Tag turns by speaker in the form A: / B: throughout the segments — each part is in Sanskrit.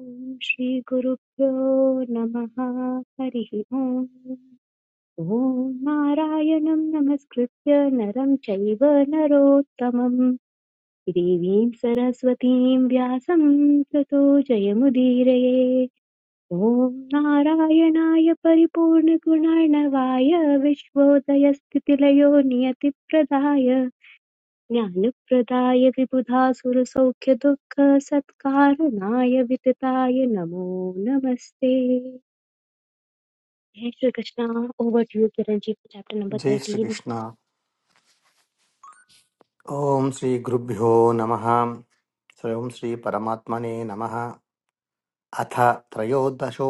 A: ॐ श्रीगुरुभ्यो नमः हरिः ओम् ॐ नारायणं नमस्कृत्य नरं चैव नरोत्तमं देवीं सरस्वतीं व्यासं ततो जयमुदीरये ॐ नारायणाय परिपूर्णगुणार्णवाय विश्वोदयस्थितिलयो नियतिप्रदाय ज्ञानप्रदाय विबुधासुरसौख्यदुःखसत्कारणाय वितताय नमो नमस्ते जय Shri Krishna over to you Kiran ji for chapter number
B: जय
A: 13
B: श्रीकृष्ण ॐ श्रीगुरुभ्यो नमः ॐ श्रीपरमात्मने नमः अथ त्रयोदशो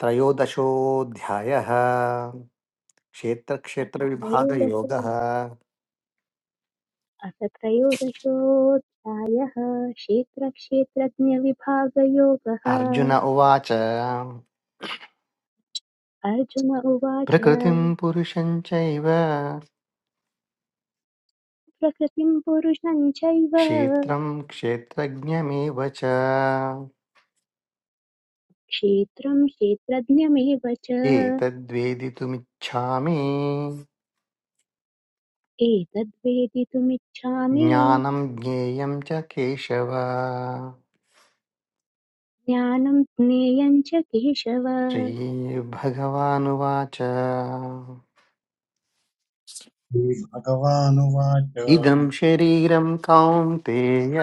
B: त्रयोदशोऽध्यायः
A: अथ
B: क्षेत्रक्षेत्रविभागयोगः
A: त्रयोदश अथ त्रयोदशोऽध्यायः क्षेत्रक्षेत्रज्ञविभागयोगः
B: अर्जुन उवाच
A: अर्जुन उवाच
B: प्रकृतिं पुरुषं चैव
A: प्रकृतिं पुरुषं चैव
B: क्षेत्रं क्षेत्रज्ञमेव च
A: क्षेत्रं क्षेत्रज्ञमेव च
B: एतद्वेदितुमिच्छामि
A: एतद्वेदितुमिच्छामि
B: ज्ञानं ज्ञेयं च केशव
A: ज्ञानं ज्ञेयं च केशव
B: श्रीभगवानुवाच
C: श्रीभगवानुवाच
B: इदं शरीरं कौन्तेय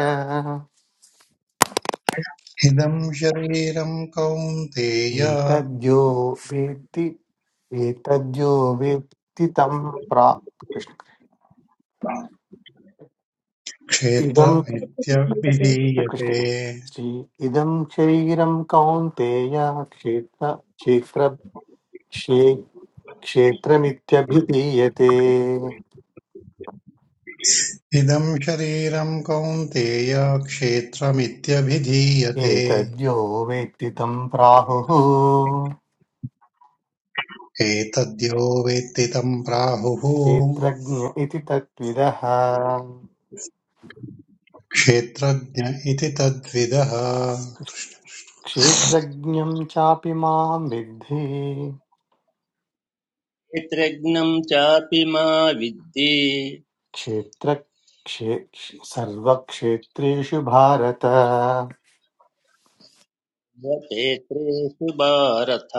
C: इदं शरीरं कौन्तेय
B: एतद्यो वेत्ति एतद्यो वेत्ति तं प्रा कृष्ण इदं कृष्ण
C: क्षेत्रमित्य
A: यद्विधीयते
C: विधीयते
B: कृष्ण। श्री इदं शरीरं कौन्तेय क्षेत्र क्षेत्र क्षे क्षेत्रमित्यभिधीयते
C: इदं शरीरं कौन्तेय क्षेत्रमित्यभिधीयते
B: एतद्यो वेत्ति तं प्राहुः
C: एतद्यो वेत्ति तं प्राहुः
B: क्षेत्रज्ञ इति तत्विदः
C: क्षेत्रज्ञ इति तद्विदः
B: क्षेत्रज्ञं चापि मां विद्धि
D: क्षेत्रज्ञम् चापि मा विद्धि
B: क्षेत्र क्षे सर्वक्षेत्रेषु भारत
D: क्षेत्रेषु भारत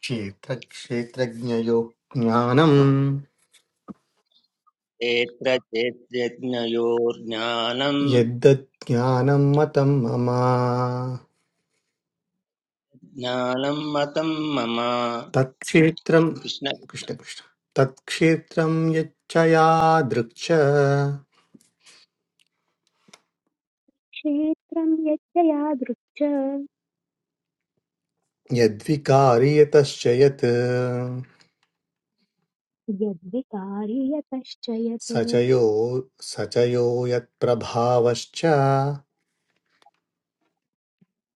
B: क्षेत्रक्षेत्रज्ञयो ज्ञानम्
D: क्षेत्रक्षेत्रज्ञयोर्ज्ञानम्
B: यद्दत् ज्ञानं मतं मम
D: ज्ञानम् मतम् मम
B: तत्क्षेत्रं
D: कृष्ण
B: कृष्णकृष्ण तत्क्षेत्रं यच्च यादृक्ष
A: क्षेत्रं यच्च यादृक् च
B: यद्विकार्यतश्च यत्
A: यद्विकारि यतश्च यत्
B: स च यो स च यो यत्प्रभावश्च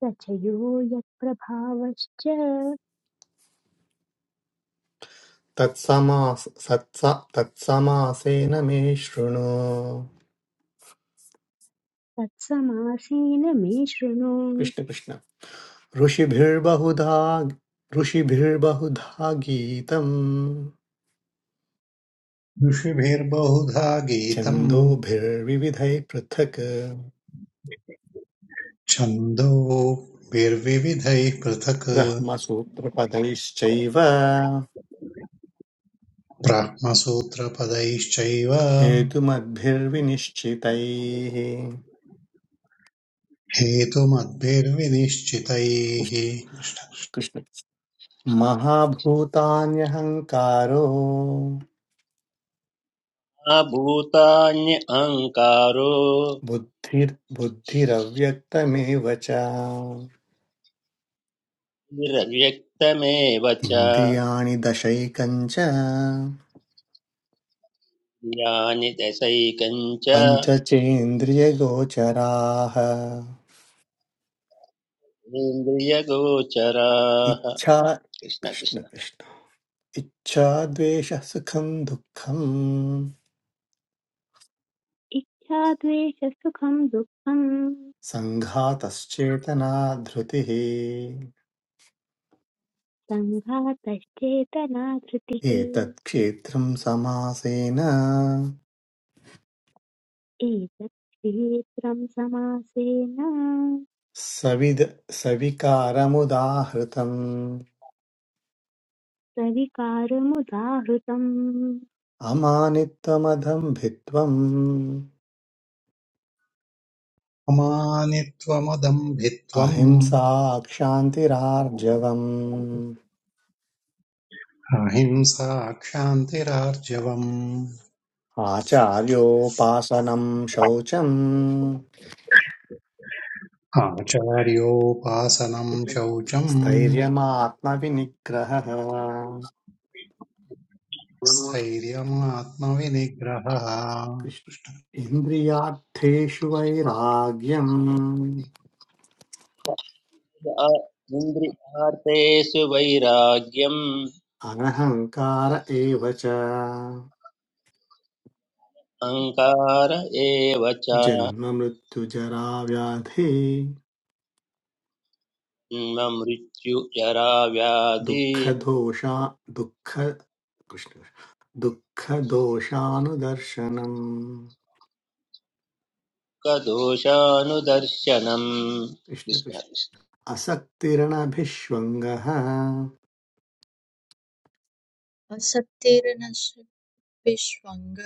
A: स च यो यत्प्रभावश्च
B: तत्समास सत्स- तत्समासेन मे शृणु
A: तत्समासीन मे शृणु
B: कृष्ण कृष्ण ऋषिभिर्बहुधा ऋषिभिर्बहुधा गीतम्
C: ऋषिभिर्बहुधा गीतम्
B: छन्दोभिर्विविधैः पृथक्
C: छन्दोभिर्विविधैः पृथक्
B: ब्रह्मसूत्रपदैश्चैव
C: ब्रह्मसूत्रपदैश्चैव
B: हेतुमद्भिर्विनिश्चितैः
C: हेतुमद्भिर्विनिश्चितैः
B: कृष्ण कृष्ण। महाभूतान्यहङ्कारो
D: मा भूतान्यहङ्कारो
B: बुद्धिर् बुद्धिरव्यक्तमेव च
D: निरव्यक्तमेव च
B: इन्द्रियाणि दशैकञ्च
D: यानि दशैकम् च
B: पञ्चचेन्द्रियगोचराः
D: इन्द्रियगोचराः
B: इच्छा
D: कृष्ण
B: कृष्ण
D: कृष्ण
B: कृष्ण इच्छा द्वेषः सुखं दुःखम्
A: इच्छा द्वेष सुखं दुःखं
B: सङ्घातश्चेतना धृतिः
A: सङ्घातश्चेतना धृतिः
B: एतत् क्षेत्रं समासेन
A: एतत् क्षेत्रं समासेन
B: सविद सविकारमुदाहृतम्
A: सविकारमुदाहृतम्
B: अमानित्वमधं भित्त्वम्
C: अमानित्वमदम्भित्वम्
B: अहिंसा क्षान्तिरार्जवम्
C: अहिंसा क्षान्तिरार्जवम्
B: आचार्योपासनं शौचम्
C: आचार्योपासनम् शौचम्
B: स्थैर्यमात्मविनिग्रहः
C: स्थैर्यमात्मविनिग्रहः
B: कृष्ण इन्द्रियार्थेषु वैराग्यम्
D: इन्द्रियार्थेषु वैराग्यम्
B: अनहङ्कार एव च
D: अहङ्कार एव च
B: जन्ममृत्युजराव्याधि
D: जन्ममृत्युजराव्याधि
B: दुःखदोषा दुःख दोषा दुःख कृष्ण दुःखदोषानुदर्शनम्
D: कदोषानुदर्शनम्
B: कृष्ण
D: कृष्ण
B: कृष्ण
D: कृष्ण।
B: असक्तिरणभिष्वङ्गः
E: असक्तिर्नश्विष्वङ्गः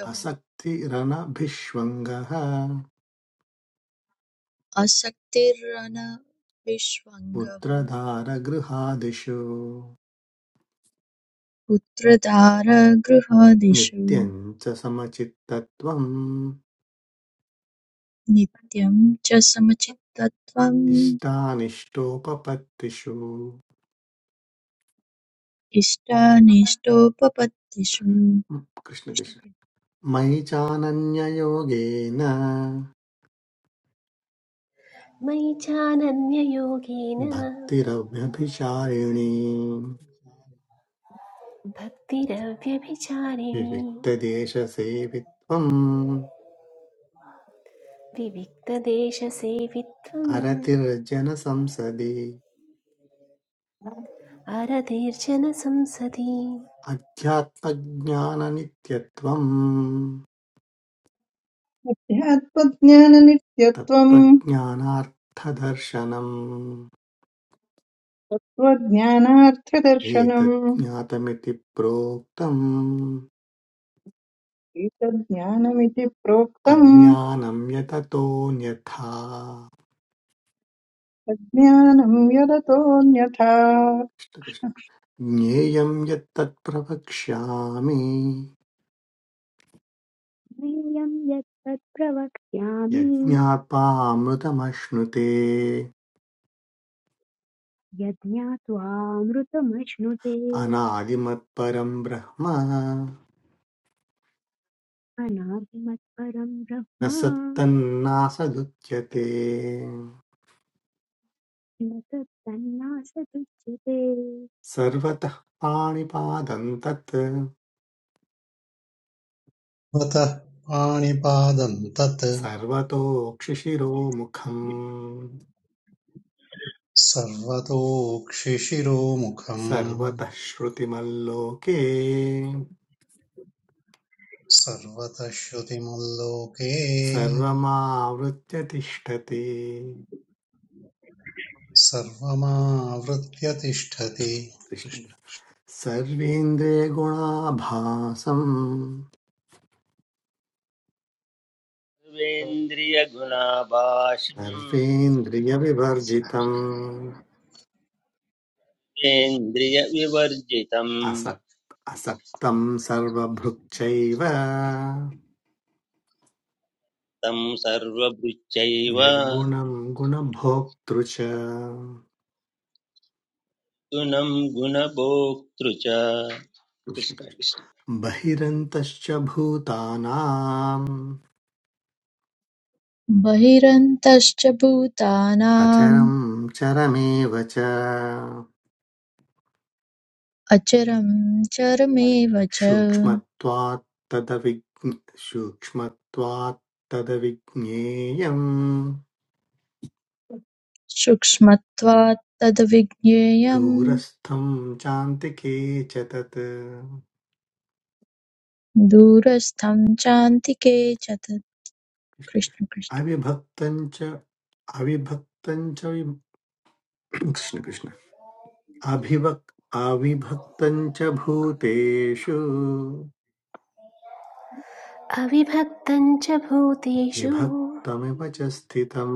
B: असक्तिरनभिष्वङ्गः
E: असक्तिरनविष्वङ्गः
B: पुत्रधारगृहादिषु
E: पुत्रधारगृहदिषु
B: नित्यं च समचित्तत्वम्
E: नित्यं च समचित्तत्वम्
B: इष्टानिष्टोपपत्तिषु
E: इष्टानिष्टोपपत्तिषु
B: कृष्णकृष्ण
E: कृष्णकृ-
B: मयि चानन्ययोगेन
F: मयि चानन्ययोगेन
B: भक्तिरव्यभिचारिणी
F: भक्तिरव्यभिचारिणी
B: विविक्तदेशसेवित्वम्
F: विविक्तदेशसेवित्वम्
B: अरतिर्जनसंसदि
F: अरतीर्जन संसदि
B: अध्यात्मज्ञाननित्यत्वम्
G: ध्यात्मज्ञाननित्यत्वम्
B: तत्त्वज्ञानार्थदर्शनम्
G: तत्त्वज्ञानार्थदर्शनम्
B: एतज्ज्ञातमिति प्रोक्तम्
G: एतज्ज्ञानमिति प्रोक्तम्
B: अज्ञानं यततोऽन्यथा
G: तज्ज्ञानम् यदतोऽन्यथा
B: कृष्णकृष्ण। ज्ञेयं यत्तत् प्रवक्ष्यामि
A: ज्ञेयं यत्तत् प्रवक्ष्यामि
B: यज्ञापामृतमश्नुते
A: यज्ञात्वामृतमश्नुते
B: अनादिमत्परं ब्रह्म
A: अनादिमत्परं
B: न
A: ब्रह्म
B: सत्तन्नासदुच्यते
A: न तत्सन्नासदुच्यते
B: सर्वतः पाणिपादं तत्
C: स्वतः पाणिपादम् तत्
B: सर्वतोक्षिशिरोमुखम्
C: सर्वतोक्षिशिरोमुखम्
B: सर्वतः श्रुतिमल्लोके
C: सर्वतः श्रुतिमुल्लोके
B: सर्वमावृत्य तिष्ठति
C: सर्वमावृत्य तिष्ठति
B: कृष्ण सर्वेन्द्रियगुणाभासम्
D: सर्वेन्द्रियगुणाभाषम्
B: सर्वेन्द्रियविवर्जितम्
D: इन्द्रियविवर्जितम्
B: असक् असक्तं सर्वभृक्चैव
D: तं सर्वभृत्यैव
B: निर्गुणं गुणभोक्तृ च
D: गुणं गुणभोक्तृ च कृष्ण कृष्ण।
B: कृष्णकृष्ण बहिरन्तश्च भूतानाम्
E: बहिरन्तश्च भूतानाम्
B: अचरं चरमेव च
E: अचरं चरमेव च
B: सूक्ष्मत्वात् तदविज्ञ सूक्ष्मत्वात् तदविज्ञेयम्
E: सूक्ष्मत्वात् तद्विज्ञेयं
B: दूरस्थं चान्तिके च तत् कृष्ण
E: दूरस्थं चान्तिके च तत् कृष्ण कृष्ण।
B: कृष्ण। अविभक्तं च अविभक्तं च विभ- कृष्ण कृष्ण अभिवक् अविभक्तं च भूतेषु
F: अविभक्तं च भूतेषु
B: विभक्तमिव च स्थितम्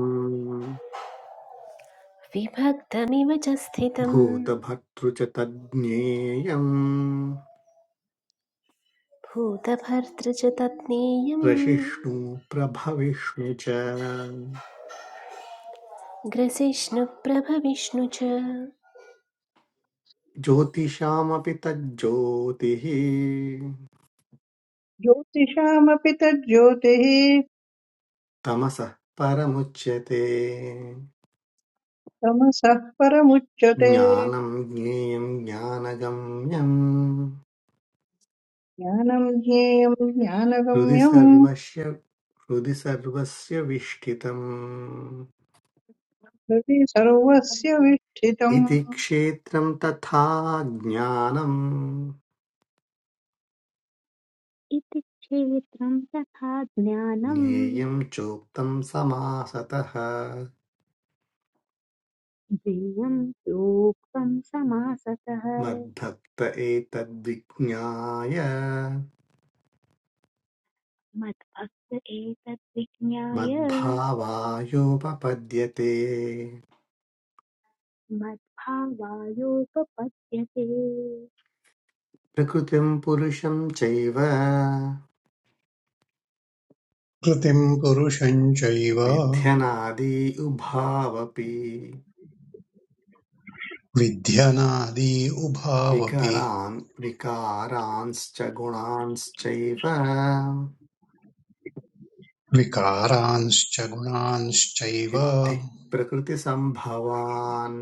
F: विभक्तमिव च स्थितम्
B: भूतभर्तृ च तज्ज्ञेयम्
F: भूतभर्तृ च तत्नेयम्
B: प्रशिष्णु प्रभविष्णु च
F: ग्रसिष्णुप्रभविष्णु च
B: ज्योतिषामपि तज्ज्योतिः
G: ज्योतिषामपि तज्ज्योतिः
B: तमसः परमुच्यते
G: तमसः परमुच्यते
B: ज्ञानम् ज्ञेयं ज्ञानगम्यं
G: ज्ञानम् ज्ञेयम्
B: हृदि
G: ज्ञानगम्यम्
B: सर्वस्य हृदि सर्वस्य विष्ठितम्
G: हृदि सर्वस्य विष्ठितम्
B: इति क्षेत्रम् तथा ज्ञानम्
A: इति क्षेत्रं तथा ज्ञानं
B: ज्ञेयं चोक्तं समासतः
A: ज्ञेयं प्रोक्तं समासतः
B: मद्भक्त एतद्विज्ञाय
A: मद्भक्त एतद् विज्ञाय
B: मद्भावायोपपद्यते
A: मद्भावायोपपद्यते
B: प्रकृतिं पुरुषं चैव
C: कृतिं पुरुषं चैव
B: विध्यनादि उभावपि
C: विध्यनादि उभावपि
B: विकरान् विकारांश्च गुणांश्चैव
C: विकारांश्च गुणांश्चैव
B: विद्धि प्रकृतिसम्भवान्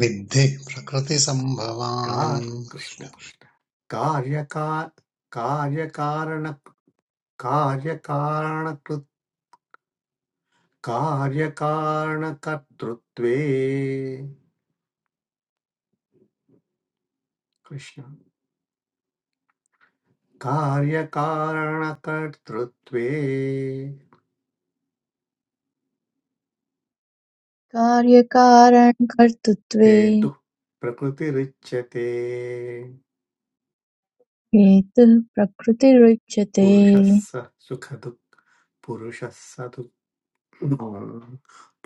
C: विद्धि प्रकृतिसम्भवान्
B: कृष्ण कार्यकार कार्यकारण कार्यकारणकृत् कार्यकारणकर्तृत्वे कृष्ण कार्यकारणकर्तृत्वे
E: कार्यकारणकर्तृत्वे
B: हेतुः प्रकृतिरुच्यते
E: हेतुः प्रकृतिरुच्यते
B: पुरुषः स सुखदुःख पुरुषः स दुःख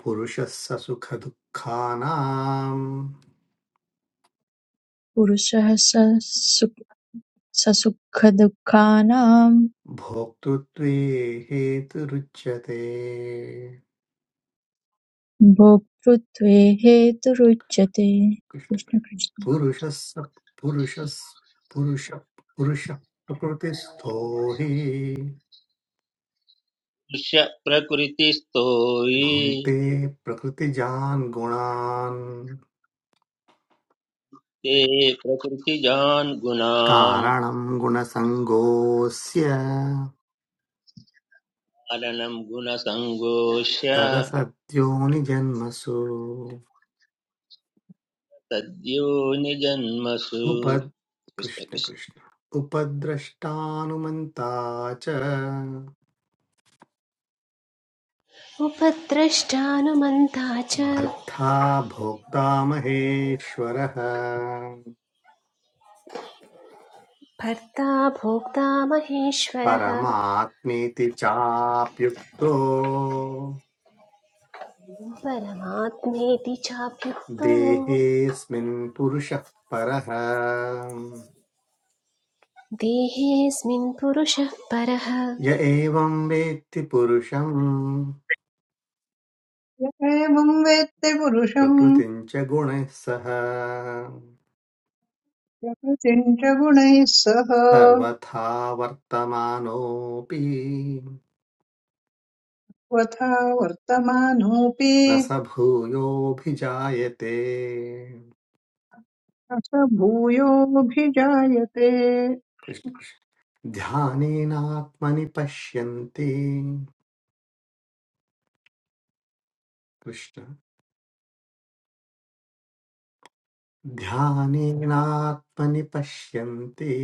B: पुरुषः स सुखदुःखानाम्
E: पुरुषः स सु- ससुखदुःखानां
B: भोक्तृत्वे हेतुरुच्यते
E: भोक्तृत्वे हेतुरुच्यते
B: कृष्ण
E: कृष्ण कृष्ण
B: पुरुषः पुरुषः पुरुष पुरुषः प्रकृतिस्थो हि
D: दृश्य प्रकृतिस्थो हि
B: भुङ्क्ते प्रकृतिजान् गुणान्
D: ते प्रकृतिजान् गुणान्
B: कारणं गुणसङ्गोऽस्य
D: पालनं गुणसङ्गोष्य
B: सदसद्योनिजन्मसु
D: तद्योनिजन्मसु
B: उपद्
D: कृष्ण
B: कृष्ण
D: कृष्ण
B: कृष्ण उपद्रष्टानुमन्ता च
F: उपद्रष्टानुमन्ता च
B: भर्ता भोक्ता महेश्वरः
F: भर्ता भोक्ता महेश्वरः
B: परमात्मेति चाप्युक्तो
F: परमात्मेति चाप्युक्तो
B: देहेऽस्मिन् पुरुषः परः
F: देहेऽस्मिन् पुरुषः परः
B: य एवं वेत्ति पुरुषं
G: य एवम् वेत्ति पुरुषम्
B: प्रकृतिं च गुणैः सह
G: प्रकृतिम् च गुणैः सह त्वथा
B: सर्वथा वर्तमानोऽपि न
G: वर्तमानोऽपि
B: स भूयोऽभिजायते
G: अथ भूयोऽभिजायते
B: कृष्ण कृष्ण ध्यानेनात्मनि पश्यन्ति कृष्ण ध्यानेनात्मनि पश्यन्ति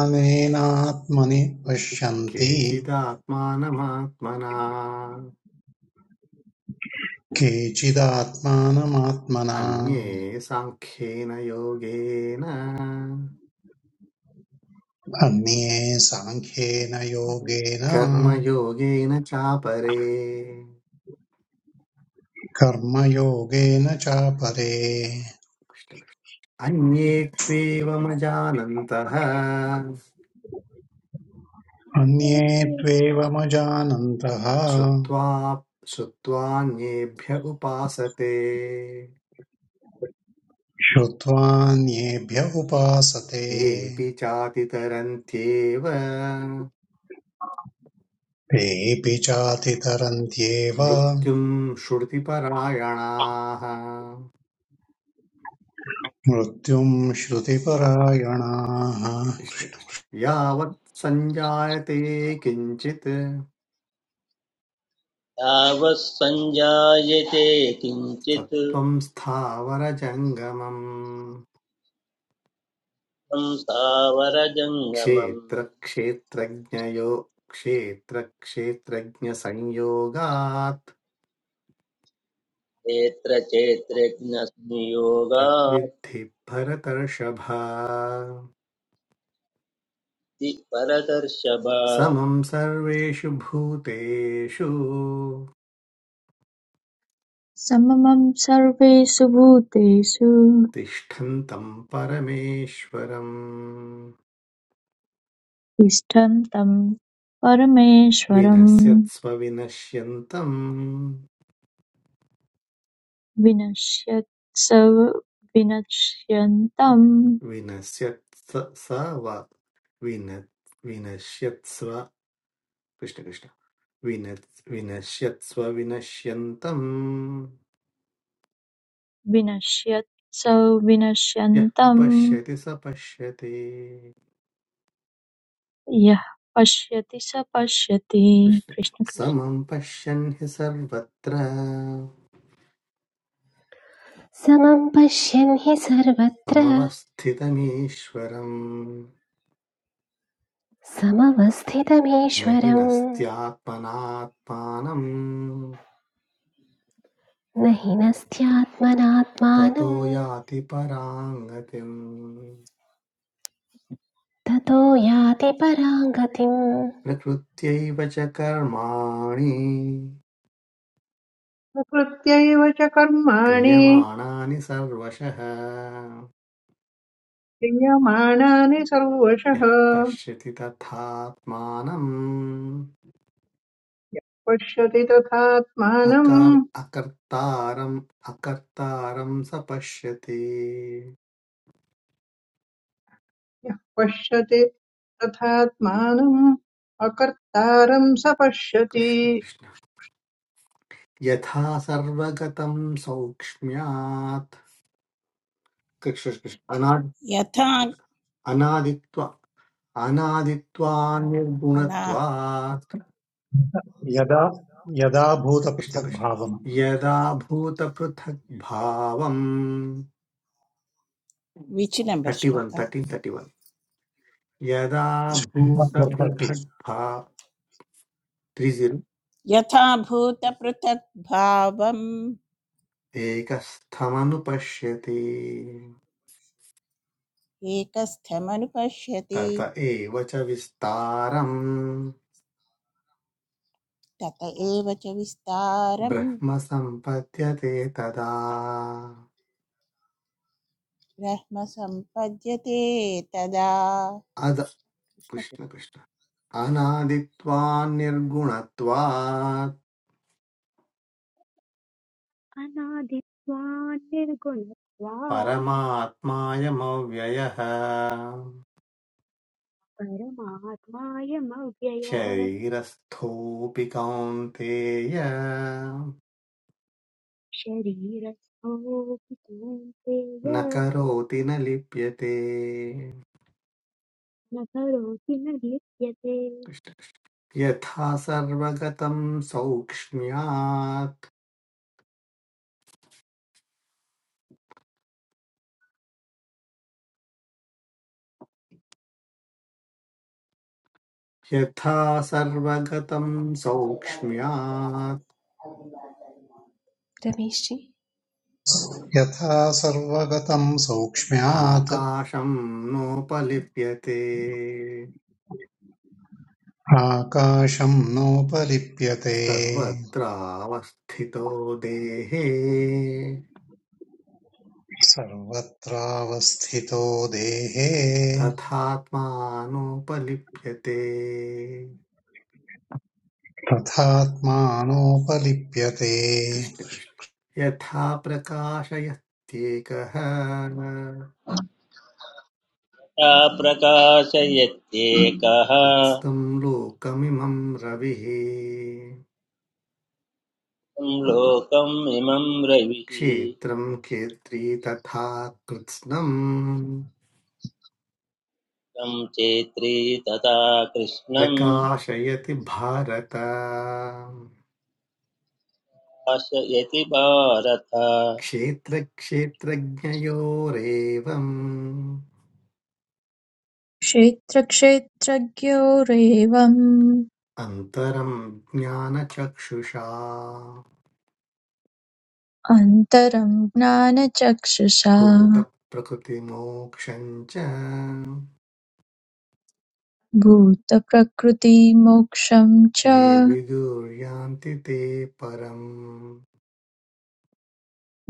C: अनेनात्मनि पश्यन्ति
B: केचिदात्मानमात्मना
C: केचिदात्मानमात्मना
B: अन्ये साङ्ख्येन योगेन
C: अन्ये साङ्ख्येन योगेन
B: कर्मयोगेन चापरे
C: कर्मयोगेन चापरे
B: अन्ये त्वेवमजानन्तः
A: अन्ये
C: अन्ये
A: ते
C: त्वेवमजानन्तः
B: श्रुत्वा श्रुत्वान्येभ्य उपासते
C: श्रुत्वान्येभ्य उपासते
B: तेऽपि चातितरन्त्येव
C: तेऽपि चातितरन्त्येव
B: मृत्युम् श्रुतिपरायणाः
C: मृत्युम् श्रुतिपरायणाः
B: कृष्णकृष्ण यावत् सञ्जायते किञ्चित्
D: यावत् सञ्जायते किञ्चित्
B: सत्त्वम् स्थावरजङ्गमम्
D: संसावरजङ्गमम्
B: क्षेत्रक्षेत्रज्ञयो क्षेत्रक्षेत्रज्ञसंयोगात्
D: क्षेत्र चेत्रज्ञसंयोगात्ति
B: तद्विद्धि भरतर्षभ
D: परदर्शभ
B: समम् सर्वेषु भूतेषु
E: सममं सर्वेषु भूतेषु
B: तिष्ठन्तम् परमेश्वरम्
E: तिष्ठं तं परमेश्वरं
B: विनश्यत्स्व विनश्यन्तम्
E: विनश्यत् स- विनश्यन्तं
B: विनश्यत्स स वा विन विनश्यत्स्व कृष्णकृष्ण विन विनश्यत्स्व विनश्यन्तम्
E: विनश्यत् स
B: यः
E: विनश्यन्तं
B: पश्यति स पश्यति
E: यः पश्यति स पश्यति
B: कृष्ण
E: कृष्ण कृष्ण
B: समं पश्यन् हि सर्वत्र
F: समं पश्यन् हि सर्वत्र
B: समवस्थितमीश्वरम् न हि
F: समवस्थितमीश्वरम्
B: नस्त्यात्मनात्मानम्
F: न हि
B: ततो
F: नस्त्यात्मनात्मानं
B: याति
F: ततो याति परां गतिम्
B: न कृत्यैव च कर्माणि
G: प्रकृत्यैव च कर्माणि
B: क्रियमाणानि सर्वशः
G: क्रियमाणानि सर्वशः
B: यः पश्यति तथात्मानम्
G: यः पश्यति तथात्मानम्
B: अकार अकर्तारम् अकर्तारं स पश्यति
G: यः पश्यति तथात्मानम् अकर्तारम् स पश्यति
B: कृष्ण कृष्ण यथा सर्वगतं सौक्ष्म्यात् कृष्ण कृष्ण अनादि
H: यथा
B: अनादित्वा अनादित्वा
H: अना
B: निर्गुणत्वात्
C: यदा यदा
B: कृष्ण कृष्ण
C: भूतपृथग्भावम्
B: यदा भूतपृथग्भावम्
H: विचि number
B: thirty one
H: shloka
B: thirteen thirty one यदा भूतपृथग्भा त्रिजिन्
H: यथा भूत पृथक भावम
B: एकस्थमनुपश्यति
H: एकस्थमनुपश्यति
B: तत एव च विस्तारम्
H: तत एव च विस्तारम
B: ब्रह्म सम्पद्यते तदा
H: ब्रह्म संपद्यते तदा
B: अद
H: कृष्ण
B: कृष्ण
H: कृष्ण
B: कृष्ण अनादित्वा निर्गुणत्वात्
A: अनादित्वान् निर्गुणत्वात्
B: परमात्मायमव्ययः
A: परमात्मायमव्ययः
B: शरीरस्थोऽपि कौन्तेय
A: शरीरस्थोऽपि कौन्तेय
B: न करोति न लिप्यते
A: न करोति न लिप्यते
B: कृष्ण कृष्ण। यथा सर्वगतं सौक्ष्म्यात् यथा सर्वगतं सौक्ष्म्यात्
F: रमेशजी
C: यथा सर्वगतं सौक्ष्म्यात्
B: आकाशं नोपलिप्यते
C: आकाशम् नोपलिप्यते
B: सर्वत्रावस्थितो देहे
C: सर्वत्रावस्थितो देहे
B: तथात्मानोपलिप्यते
C: तथात्मानोपलिप्यते
B: कृष्णकृष्ण यथा प्रकाशयत्येकः
D: सा प्रकाशयत्येकः
B: उत्स्थं लोकमिमं रविः
D: तं लोकम् इमं रविः
B: क्षेत्रं क्षेत्री तथा कृत्स्नम्
D: तं चेत्री तथा कृष्णं
B: प्रकाशयति भारत
D: भाषयति भारत
B: क्षेत्रक्षेत्रज्ञयोरेवम्
E: क्षेत्रक्षेत्रज्ञोरेवम्
B: अन्तरं ज्ञानचक्षुषा
E: अन्तरं ज्ञानचक्षुषा
B: भूतप्रकृतिमोक्षं च
E: भूतप्रकृतिमोक्षं च
B: ये विदुर्यान्ति ते परम्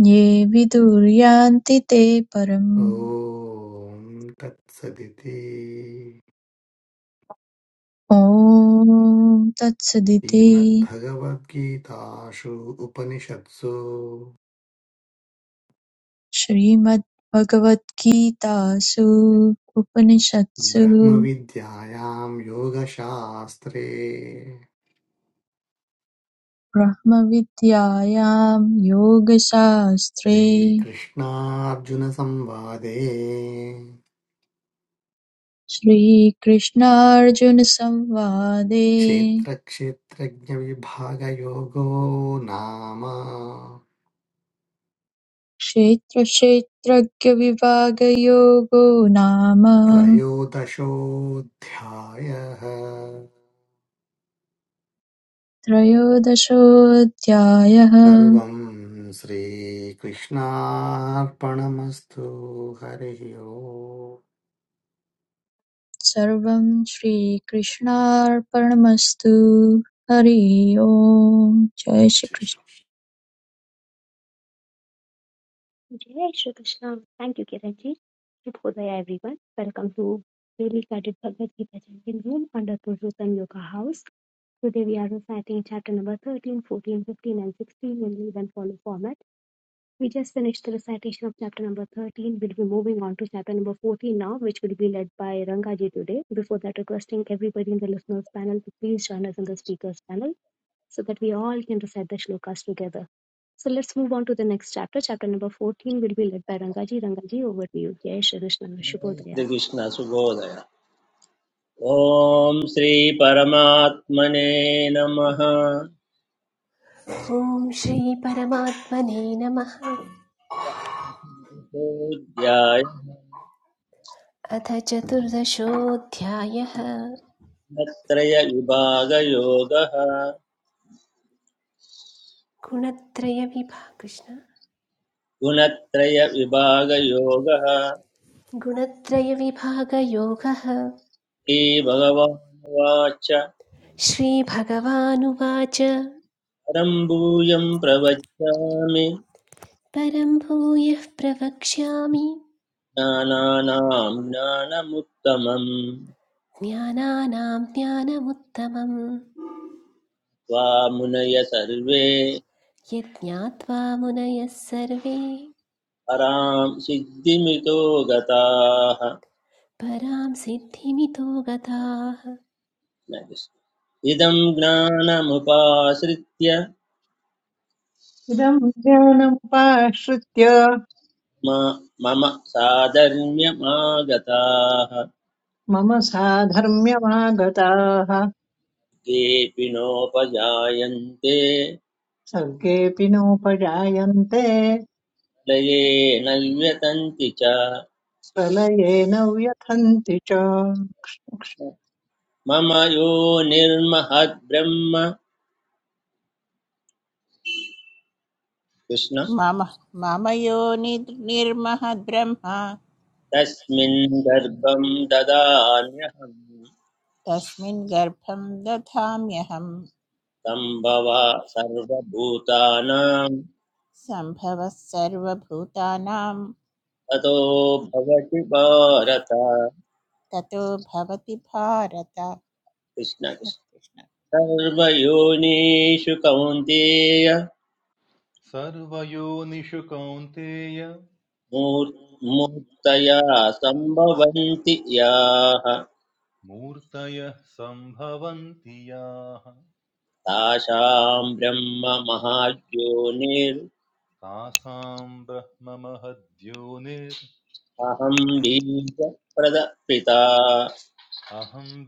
E: ये विदुर्यान्ति ते परम्
B: ॐ तत्सदिति
E: ॐ तत्सदिति
B: श्रीमद्भगवद्गीतासु उपनिषत्सु
E: श्रीमद्भगवद्गीतासु उपनिषत्सु
B: ब्रह्मविद्यायां योगशास्त्रे
E: ब्रह्मविद्यायां योगशास्त्रे
B: श्रीकृष्णार्जुनसंवादे
E: श्रीकृष्णार्जुनसंवादे
B: क्षेत्रक्षेत्रज्ञविभागयोगो नाम
E: क्षेत्रक्षेत्रज्ञविभागयोगो नाम
B: त्रयोदशोऽध्यायः
E: त्रयोदशोऽध्यायः
B: सर्वं श्रीकृष्णार्पणमस्तु हरिः ओम्
E: सर्वं श्रीकृष्णार्पणमस्तु हरि ओम् जय श्रीकृष्ण
A: जय श्री कृष्ण थैंक यू किरण जी शुभोदय everyone welcome to daily guided Bhagavad Gita chanting room under Purushottam Yoga house Today we are reciting chapter number 13, 14, 15 and 16 in lead and follow format. We just finished the recitation of chapter number 13. We'll be moving on to chapter number 14 now, which will be led by Rangaji today. Before that, requesting everybody in the listeners panel to please join us in the speakers panel so that we all can recite the shlokas together. So let's move on to the next chapter. Chapter number 14 will be led by Rangaji. Rangaji, over to you. Jai Shri Krishna Shubhodaya.
D: Shrikrishna सुबोधय ॐ श्रीपरमात्मने नमः
F: ॐ श्रीपरमात्मने नमः अथ चतुर्दशोऽध्यायः
D: गुणत्रयविभागयोगः
F: गुणत्रयविभा कृष्ण
D: गुणत्रयविभागयोगः
F: गुणत्रयविभागयोगः
D: श्रीभगवानुवाच
F: श्रीभगवानुवाच
D: परं भूयं प्रवच्यामि
F: परं भूयः प्रवक्ष्यामि
D: ज्ञानानां ज्ञानमुत्तमं
F: ज्ञानानां ज्ञानमुत्तमं
D: त्वामुनय सर्वे
F: यज्ञात्वा मुनयः सर्वे
D: परां सिद्धिमितो गताः
F: परां सिद्धिमितो गताः
D: इदं ज्ञानमुपाश्रित्य
G: इदम् ज्ञानमुपाश्रित्य
D: मा- मम साधर्म्यमागताः
G: मम साधर्म्यमागताः
D: केऽपि नोपजायन्ते
G: सर्गेऽपि नोपजायन्ते
D: लये न व्यतन्ति च
G: प्रलये न व्यथन्ति च
D: मम यो निर्महद्ब्रह्म कृष्ण
H: मम मम यो निर्महद् ब्रह्म
D: तस्मिन् गर्भं ददान्यहं
H: तस्मिन् गर्भं दधाम्यहं
D: सम्भव सर्वभूतानां
H: सम्भवः सर्वभूतानां
D: ततो भवति भारत
H: ततो भवति भारत
D: कृष्ण
H: कृष्ण
D: कृष्ण
H: कृष्ण
D: सर्वयोनिषु कौन्तेय
I: सर्वयोनिषु कौन्तेय
D: मूर् मूर्तया सम्भवन्ति याः
I: मूर्तयः सम्भवन्ति याः
D: तासां ब्रह्म महायोनिरहं
I: तासां ब्रह्ममहद्योनिरहं
D: बीजप्रदपिता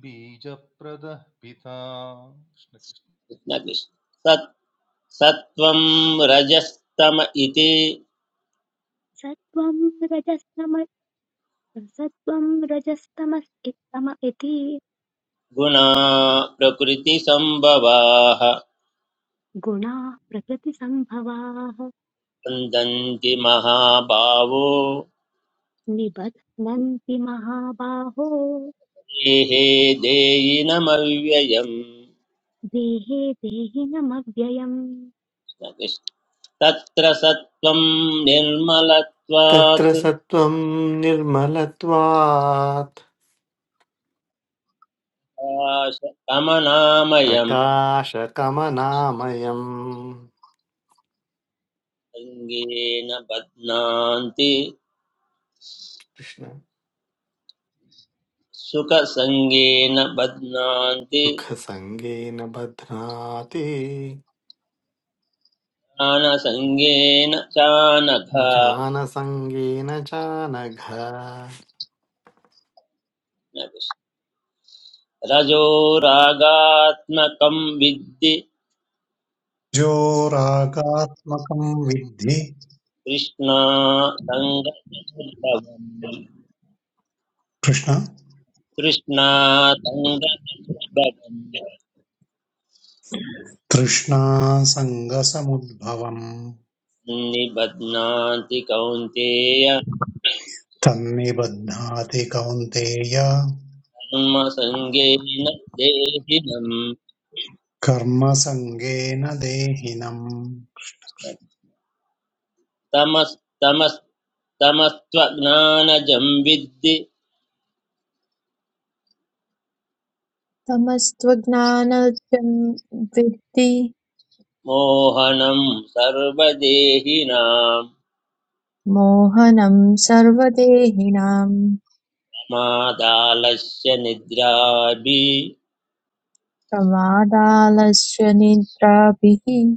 I: बीजप्रदः पिता कृष्ण कृष्ण।
D: कृष्णकृष्ण सत् सत्त्वं रजस्तम इति
A: Satvam rajastama satvam rajastamas ittama iti
D: गुणा प्रकृतिसम्भवाः
A: गुणाः प्रकृतिसम्भवाः
D: स्पन्दन्ति महाभावो
A: निबध्नन्ति महाबाहो
D: देहे देयिनमव्ययम्
A: देहे देहिनमव्ययम्
D: कृष्ण कृष्ण। तत्र सत्त्वं
B: तत्र
D: निर्मलत्वात्
B: सत्त्वं निर्मलत्वात्
D: कमनामयम्
B: प्रकाशकमनामयम्
D: सङ्गेन बध्नान्ति
B: कृष्ण
D: सुखसङ्गेन बध्नान्ति
B: सुखसङ्गेन बध्नाति
D: ज्ञानसङ्गेन चानघ
B: ज्ञानसङ्गेन चानघ
D: रजो रागात्मकं विद्धि
C: जोरागात्मकम् विद्धि
D: कृष्णा सङ्गसमुद्भवम्
C: कृष्ण
D: कृष्णा सङ्गसमुद्भवम्
C: तृष्णासङ्गसमुद्भवम्
D: निबध्नान्ति कौन्तेय
C: तन्निबध्नाति कौन्तेय
D: कर्मसङ्गेन देहिनम्
C: कर्मसङ्गेन देहिनम्
D: तमस् तमस् तमस्त्वज्ञानजं विद्धि
E: तमस्त्वज्ञानोदयं विद्धि
D: मोहनं सर्वदेहिनां
E: मोहनं सर्वदेहिनां
D: मादालस्य निद्राभि
E: प्रमादालस्य निद्राभिः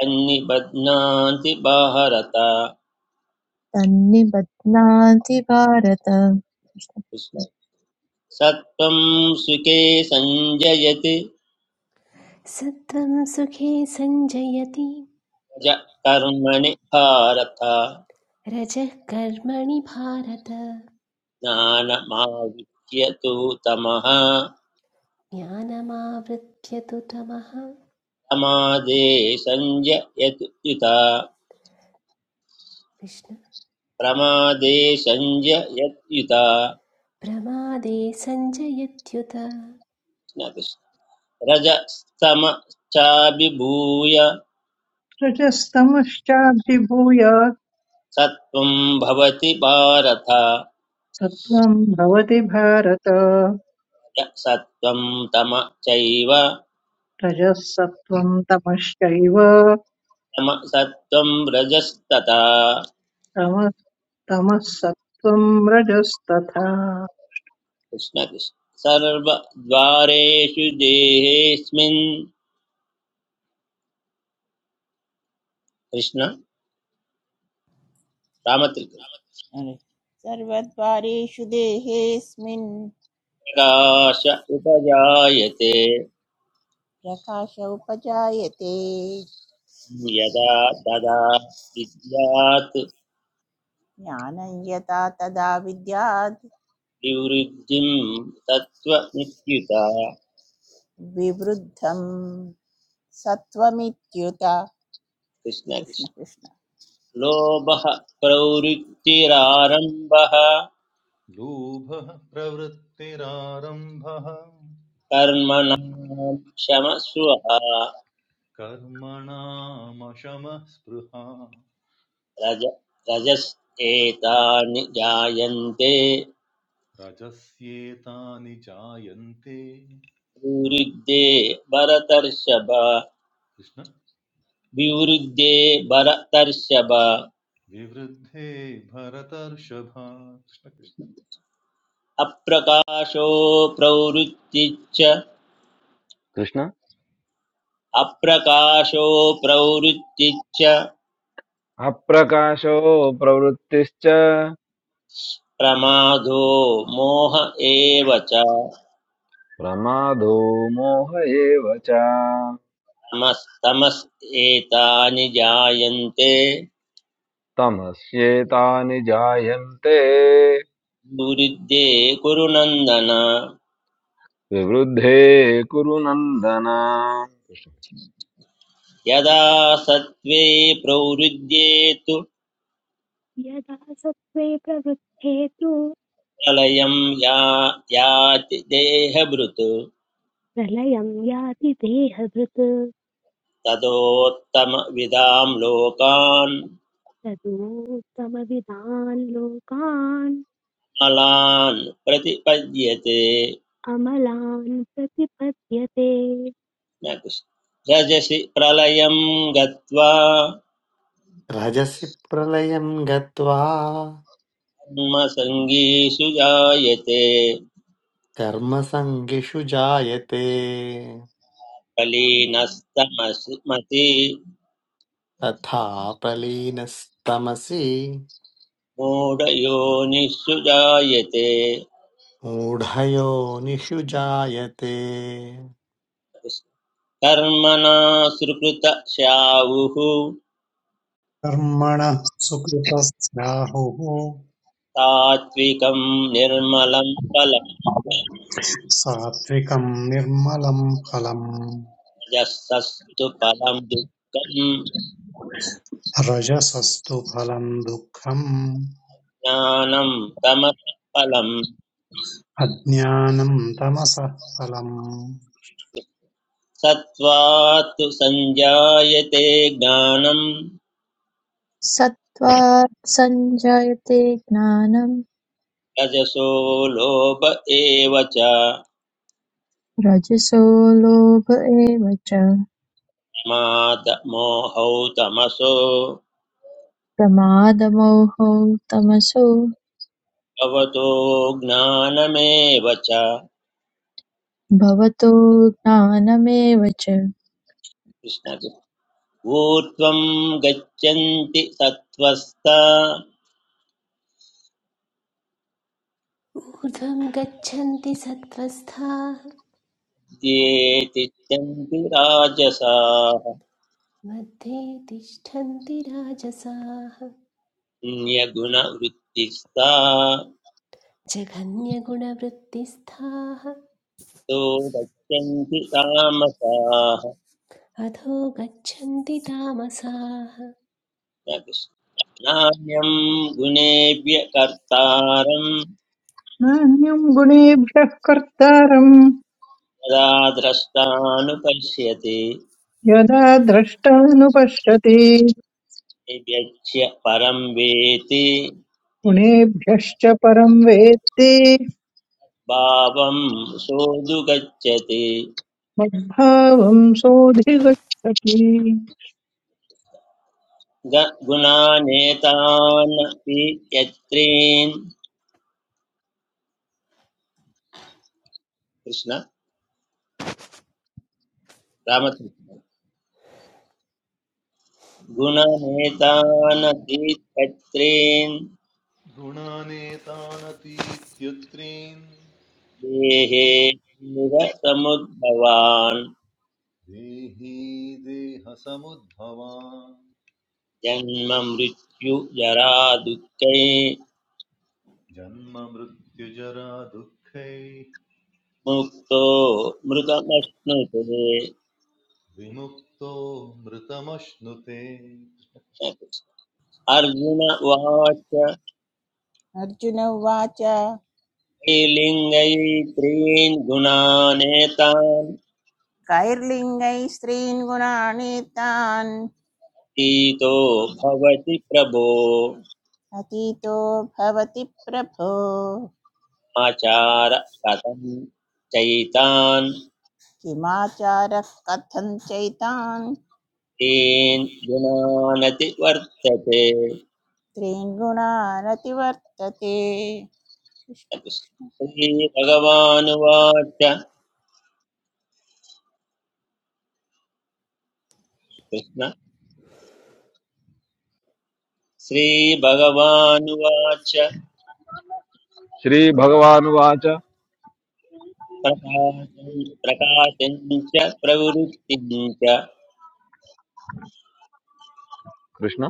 D: सन्निबध्नान्ति भारत
E: तन्निबध्नाति भारत
D: कृष्ण। सत्त्वं सुखे सञ्जयति
F: सत्त्वं सुखे सञ्जयति
D: ज कर्मणि भारत
F: रजः कर्मणि भारत
D: ज्ञानमाविच्य तु तमः
F: ज्ञानमावृत्य तु तमः
D: समादे सञ्जयतु युता
F: कृष्ण
D: प्रमादे सञ्जयत्युता
F: प्रमादे सञ्जयत्युत
D: रजस्तमश्चाभिभूय
G: रजस्तमश्चाभिभूय
D: सत्त्वं भवति भारत
G: सत्त्वं भवति भारत
D: सत्त्वं तम चैव
G: रजः सत्त्वं तमश्चैव
D: तमसत्त्वं रजस्तथा
G: तमः तमः सत्त्वं रजस्तथा
D: कृष्णकृष्ण सर्वद्वारेषु देहेऽस्मिन् कृष्ण रामत्रिक
H: अरे, सर्वद्वारेषु देहेऽस्मिन्
D: प्रकाश उपजायते
H: प्रकाश उपजायते
D: यदा तदा विद्यात्
H: ज्ञानं यथा तदा विद्याद्
D: निवृत्तिं तत्त्वमित्युत
H: विवृद्धं सत्त्वमित्युत कृष्ण
D: कृष्णकृष्ण
H: कृष्ण
D: लोभः प्रवृत्तिरारम्भः
I: लोभः प्रवृत्तिरारम्भः
D: कर्मणां क्षमस्वः
I: कर्मणामशमः स्पृहा
D: रज रजस्येतानि जायन्ते
I: रजस्येतानि जायन्ते
D: विवृद्धे भरतर्षभ
I: कृष्ण
D: विवृद्धे भरतर्षभ
I: विवृद्धे भरतर्षभा कृष्णकृष्ण
D: अप्रकाशो प्रवृत्तिच्च
J: कृष्ण
D: अप्रकाशो प्रवृत्तिच्च
J: अप्रकाशो प्रवृत्तिश्च
D: प्रमादो मोह एव च
J: प्रमादो मोह एव च
D: तमस् एतानि जायन्ते
J: तमस्येतानि जायन्ते
D: दुरुद्धे कुरु नन्दन
J: विवृद्धे कुरु नन्दन कृष्ण।
D: यदा सत्त्वे प्रवृद्ध्ये तु
A: यदा सत्त्वे प्रवृद्धे तु
D: प्रलयं या याति देहभृत्
A: प्रलयं याति देहभृत्
D: तदोत्तमविदां लोकान्
A: तदूत्तमविदान् लोकान्
D: मलान् प्रतिपद्यते
A: अमलान् प्रतिपद्यते
D: न कृष्ण रजसि प्रलयं गत्वा
B: रजसि प्रलयं गत्वा
D: कर्मसङ्गीषु जायते
B: कर्मसङ्गिषु जायते
D: कलीनस्तमसि
B: तथा प्रलीनस्तमसि
D: मूढयोनिषु जायते
B: मूढयोनिषु जायते
D: कर्मणा सुकृत स्यावुः
C: कर्मणः सुकृतस्याहुः
D: तात्विकं निर्मलं
C: सात्विकम् निर्मलं फलम्
D: फलमजस्तस्तु फलं दुःखं
C: रजसस्तु फलम् दुःखम्
D: ज्ञानं तमः फलम्
C: अज्ञानम् तमसः फलम्
D: सत्त्वात्तु सञ्जायते ज्ञानं
E: सत्त्वा सञ्जायते ज्ञानं
D: रजसो लोभ एव च
E: रजसो लोभ एव च
D: मादमोहौ तमसो
E: प्रमादमोहौ तमसो
D: भवतो ज्ञानमेव च
E: भवतो ज्ञानमेव च
D: कृष्णजि ऊर्ध्वं गच्छन्ति सत्त्वस्ता
F: ऊर्ध्वं गच्छन्ति सत्त्वस्थाः
D: ये तिष्ठन्ति राजसाः
F: मध्ये तिष्ठन्ति राजसाः
D: अन्यगुणवृत्तिस्ता
F: जघन्यगुणवृत्तिस्थाः
D: तो गच्छन्ति तामसाः
F: अधो गच्छन्ति तामसाः
D: न कृष्ण। नान्यं गुणेभ्य कर्तारं
G: नान्यं गुणेभ्यः कर्तारम्
D: यदा द्रष्टानुपश्यति
G: यदा द्रष्टानुपश्यति
D: निव्यच्य परं वेति
G: गुणेभ्यश्च परं वेत्ति
D: भावं सोऽधुगच्छति
G: मद्भावं सोऽधिगच्छति
D: ग- गुणानेतानपि यत्रीन् कृष्ण रामकृष्ण गुणनेतानपि यत्रीन्
I: गुणानेतानतीत्यत्रीन्
D: देहे
I: देहि
D: निर समुद्भवान्
I: देही देहसमुद्भवान्
D: जन्म मृत्यु जरा दुःखै
I: जन्ममृत्युजरा दुःखैः
D: मुक्तो मृतमश्नुते
I: विमुक्तो मृतमश्नुते
D: अर्जुन उवाच
H: अर्जुन उवाच
D: त्रीलिङ्गैस्त्रीन् गुणानेतान्
H: कैर्लिङ्गै स्त्रीन् गुणानीतान्
D: अतीतो भवति प्रभो
H: अतीतो भवति प्रभो
D: आचार कथं चैतान्
H: किमाचारः कथं चैतान्
D: तीन् गुणानति वर्तते
H: त्रीन् गुणानतिवर्तते कृष्ण कृष्ण
D: श्रीभगवानुवाच कृष्ण श्रीभगवानुवाच
J: श्रीभगवानुवाच
D: प्रकाशं प्रकाशं च प्रवृत्तिं च
J: कृष्ण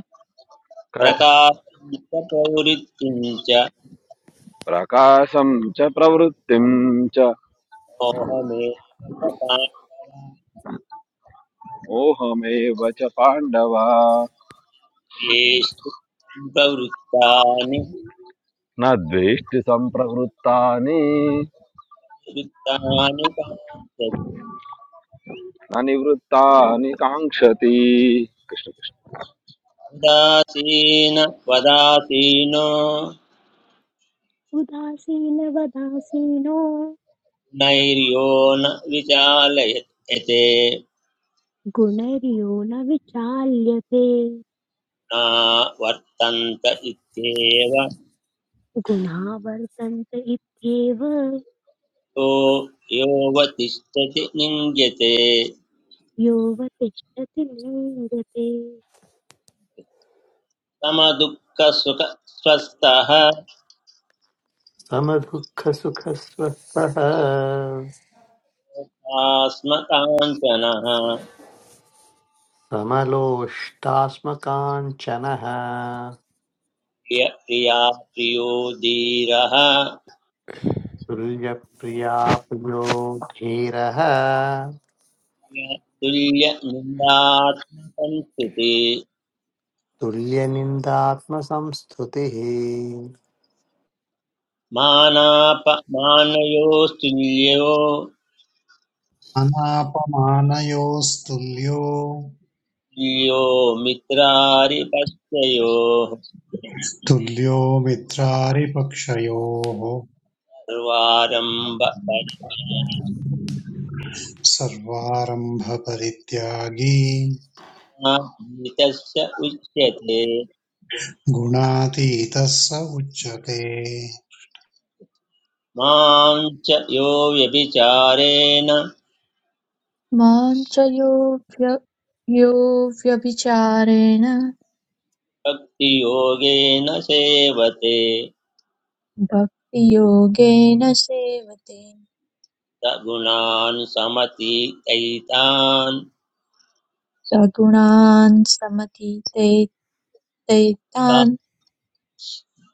J: क-
D: प्रकाशं च प्रवृत्तिं च
J: प्रकाशं च प्रवृत्तिं च
D: मोहमेष्टानेषु
J: मोहमेव च पाण्डव
D: प्रवृत्तानि
J: न द्वेष्टि सम्प्रवृत्तानि
D: वृत्तानि
J: न निवृत्तानि काङ्क्षति कृष्ण कृष्ण
D: कान्दासीन वदासीनो
A: उदासीनवदासीनो
D: नैर्यो न विचालयते
A: गुणर्यो न विचाल्यते
D: न वर्तन्त इत्येव
A: गुणा वर्तन्त इत्येव
D: यो योऽवतिष्ठति निङ्ग्यते
A: यो वतिष्ठति लिङ्गते
D: समदुःखसुख स्वस्थः
B: समदुःखसुखस्वस्थः
D: आस्मकाञ्चनः
B: समलोष्टास्मकाञ्चनः
D: प्रिय प्रिया प्रियो धीरः
B: तुल्यप्रिया प्रियो धीरः
D: तुल्यनिन्दात्मकं स्तुते
B: तुल्यनिन्दात्मसंस्तुतिः
D: मानापमानयोस्तुल्यो
C: अनापमानयोस्तुल्यो
D: तुल्यो मित्रारिपश्चयोः
C: तुल्यो मित्रारिपक्षयोः
D: सर्वारम्भ
C: सर्वारम्भपरित्यागी
D: परिणामीतस्य उच्यते
C: गुणातीतः स उच्यते
D: मां च यो व्यभिचारेण
E: मां च यो व्य- यो व्यभिचारेण
D: भक्तियोगेन सेवते
E: भक्तियोगेन सेवते
D: स गुणान् समतीतैतान्
E: सगुणान् समतीते
D: सा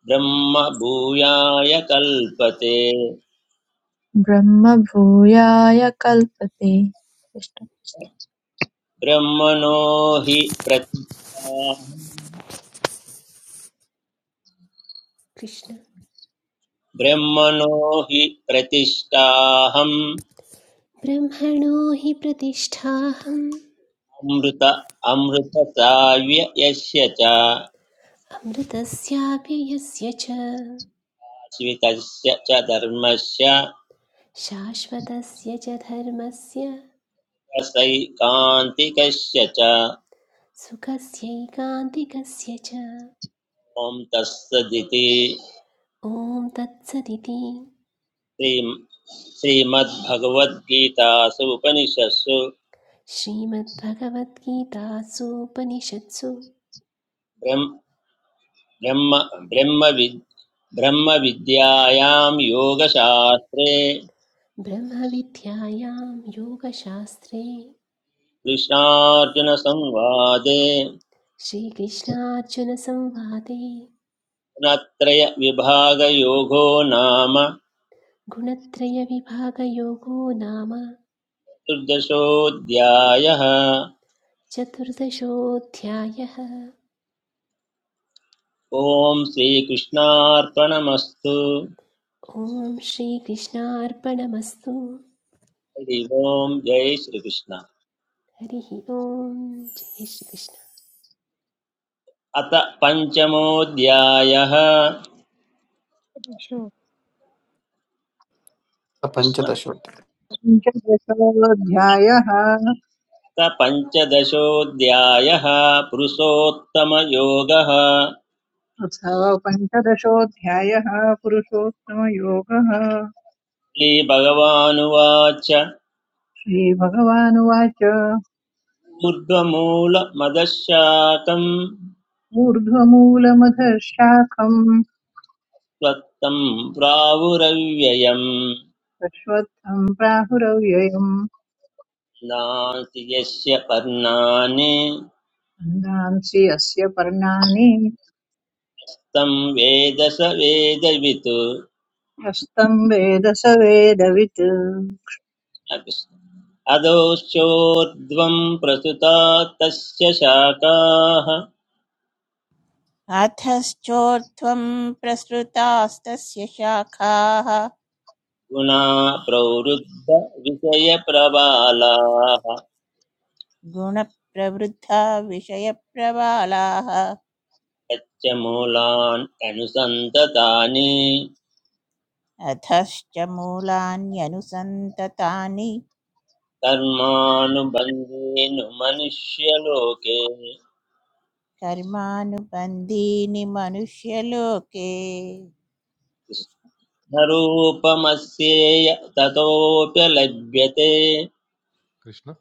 D: ब्रह्म भूयाय कल्पते
E: ब्रह्मभूयाय कल्पते कृष्ण।
D: ब्रह्मणो हि प्रतिष्ठा
F: कृष्ण
D: ब्रह्मणो हि प्रतिष्ठाहम्
F: ब्रह्मणो हि प्रतिष्ठाहम्
D: अमृत अमृतसाव्य यस्य च
F: अमृतस्याप्ययस्य च
D: आश्रितस्य च धर्मस्य
F: शाश्वतस्य च धर्मस्य
D: रसैकान्तिकस्य च
F: सुखस्यैकान्तिकस्य च
D: ॐ तत्सदिति
F: ॐ तत्सदिति
D: श्रीम् श्रीमद्भगवद्गीतासु उपनिषत्सु
F: श्रीमद्भगवद्गीतासूपनिषत्सु
D: ब्रह्म ब्रह्म ब्रह्मविद् ब्रह्मविद्यायां योगशास्त्रे
F: ब्रह्मविद्यायां योगशास्त्रे
D: कृष्णार्जुनसंवादे
F: श्रीकृष्णार्जुनसंवादे
D: गुणत्रयविभागयोगो नाम
F: गुणत्रयविभागयोगो नाम
D: चतुर्दशोऽध्यायः
F: चतुर्दशोऽध्यायः
D: ॐ श्रीकृष्णार्पणमस्तु
F: ॐ श्रीकृष्णार्पणमस्तु
D: हरि ओम् जय श्रीकृष्ण
F: हरिः ॐ जय श्रीकृष्ण
D: अथ पञ्चमोऽध्यायः कृष्ण अथ
B: पञ्चदशोत्तर
G: पञ्चदशोऽध्यायः
D: पञ्चदशोऽध्यायः पुरुषोत्तमयोगः
G: अथ पञ्चदशोऽध्यायः पुरुषोत्तमयोगः
D: श्रीभगवानुवाच
G: श्रीभगवानुवाच
D: ऊर्ध्वमूलमदशाकम्
G: ऊर्ध्वमूलमधशाखम्
D: त्वत्तं प्रावुरव्ययं
G: दशवत्थम् प्राहुरव्ययम्
D: नास्ति यस्य पर्णानि
G: अन्दांसि यस्य पर्णानि
D: तं वेद स वेदवित्
G: हस्तम् वेद स वेदवित्
D: अधोश्चोर्ध्वं प्रसुता तस्य शाखाः
H: अधश्चोर्ध्वं प्रसृतास्तस्य शाखाः
D: गुणा प्रवृद्धविषयप्रबालाः
H: गुणप्रवृद्धा विषयप्रबालाः
D: यच्च मूलान् अनुसन्ततानि
H: अधश्च मूलान्यनुसन्ततानि
D: कर्मानुबन्धेनु मनुष्यलोके
H: कर्मानुबन्धीनि मनुष्यलोके
D: न रूपमस्येय ततोऽप्यलभ्यते
I: कृष्ण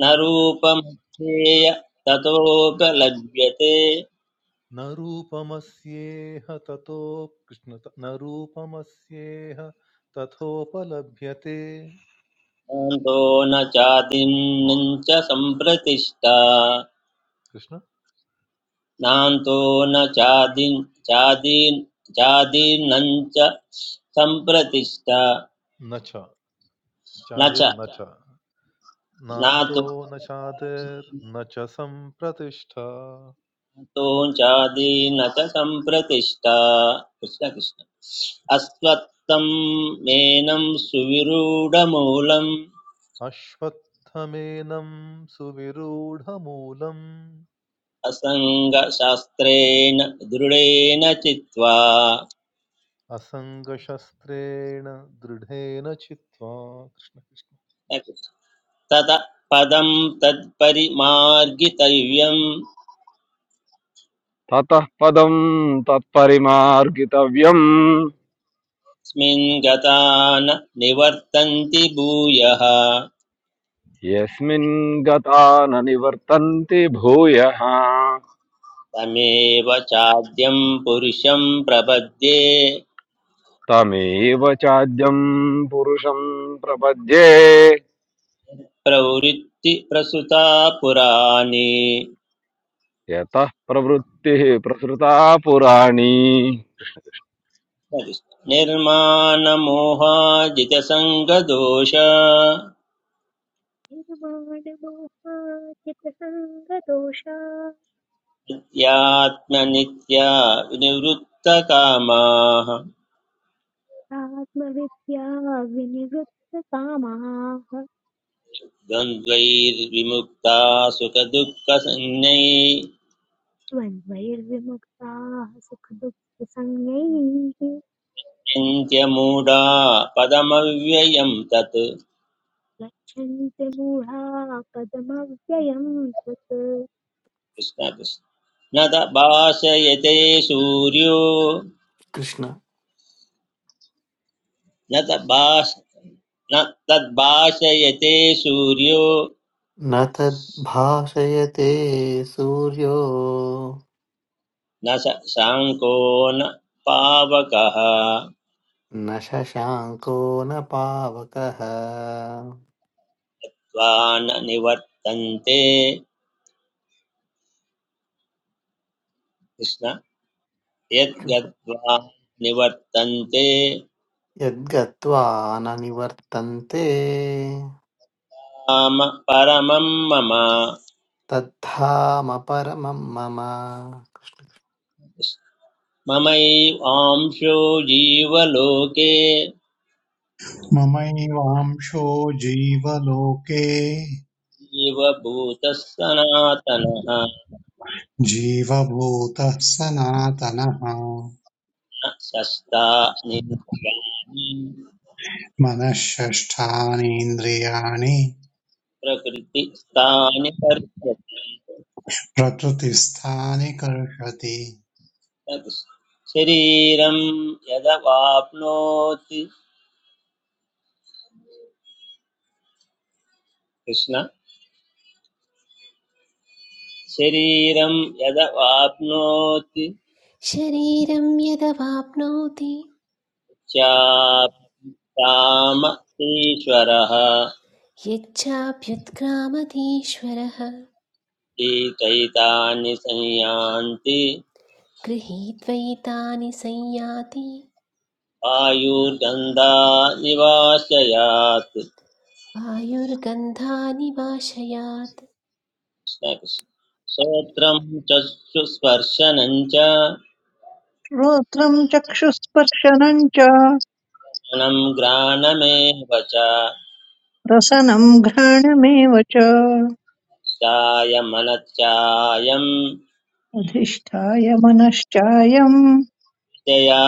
D: न
I: नरो
D: रूपमस्येय ततोऽप्यलभ्यते
I: न रूपमस्येह ततो कृष्ण न रूपमस्येह तथोपलभ्यते
D: नान्तो न चादिन्नं च सम्प्रतिष्ठा
I: कृष्ण
D: नान्तो न चादिन् चादीन् चादीन्नं च सम्प्रतिष्ठा
I: न च
D: न च
I: चादिर्न च
D: नातो
I: नान्तो न
D: न चादीन्
I: चादिर्न च सम्प्रतिष्ठा
D: तों चादीन च सम्प्रतिष्ठा कृष्ण कृष्ण अस्त्वत्तं मेनं सुविरूढमूलम्
I: अश्वत्थमेनं सुविरूढमूलम्
D: असङ्गशास्त्रेण दृढेन चित्वा
I: असङ्गशस्त्रेण दृढेन चित्वा कृष्ण कृष्ण
D: तत पदं तत्परिमार्गितव्यं
J: ततः पदं तत्परिमार्गितव्यम्
D: स्मिन् गता न निवर्तन्ति भूयः
J: यस्मिन् गता न निवर्तन्ते भूयः
D: तमेव चाद्यं पुरुषं प्रपद्ये
J: तमेव चाद्यं पुरुषं प्रपद्ये
D: प्रवृत्ति प्रसुता पुराणे
J: यतः प्रवृत्तिः प्रसृता पुराणी
D: निर्माणमोहाजितसङ्गदोष
A: निर्माणमोहाचितसङ्गदोषादात्मविद्या
D: नित्यात्मनित्या विनिवृत्तकामाः
A: विनिवृत्तकामाः
D: द्वन्द्वैर्विमुक्ता सुखदुःखसंज्ञै
A: द्वन्द्वैर्विमुक्ताः सुखदुःखसंज्ञैः
D: चिन्त्यमूढा पदमव्ययं तत्
A: गच्छन्ति मूढा पदमव्ययम् तत्
D: कृष्ण कृष्ण न त भाषयते सूर्यो
B: कृष्ण
D: न त भाष न तद्भाषयते सूर्यो
B: न तद्भाषयते सूर्यो
D: न स शाङ्को न पावकः
B: न शशाङ्को न पावकः
D: त्वा न निवर्तन्ते कृष्ण यद्गत्वा निवर्तन्ते
B: यद्गत्वा न निवर्तन्ते
D: राम परमं मम
B: तद्धाम परमं मम
D: ममैवांशो जीवलोके
C: ममैवांशो जीवलोके
D: जीवभूतः सनातनः
C: जीवभूतः सनातनः
D: न सस्तानि
C: मनःषष्ठानीन्द्रियाणि
D: प्रकृतिस्थानि पर्यते
C: प्रकृतिस्थानि कर्षति
D: तत् शरीरं यदवाप्नोति कृष्ण शरीरं यदवाप्नोति
F: शरीरं यदवाप्नोति
D: चाप्ताम ईश्वरः
F: यच्चाभ्युत्क्रामतीश्वरः
D: एतैतानि संयान्ति
F: गृहीत्वैतानि संयाति
D: आयुर्गन्धा निवासयात्
F: वायुर्गन्धानि वाशयात्
D: कृष्ण कृष्ण। श्रोत्रं चक्षुस्पर्शनं च
G: श्रोत्रम् चक्षुस्पर्शनम् च
D: घ्राणमेव च
G: रसनम् घ्राणमेव च
D: चायमनच्चायं
G: अधिष्ठाय मनश्चायम्
D: दया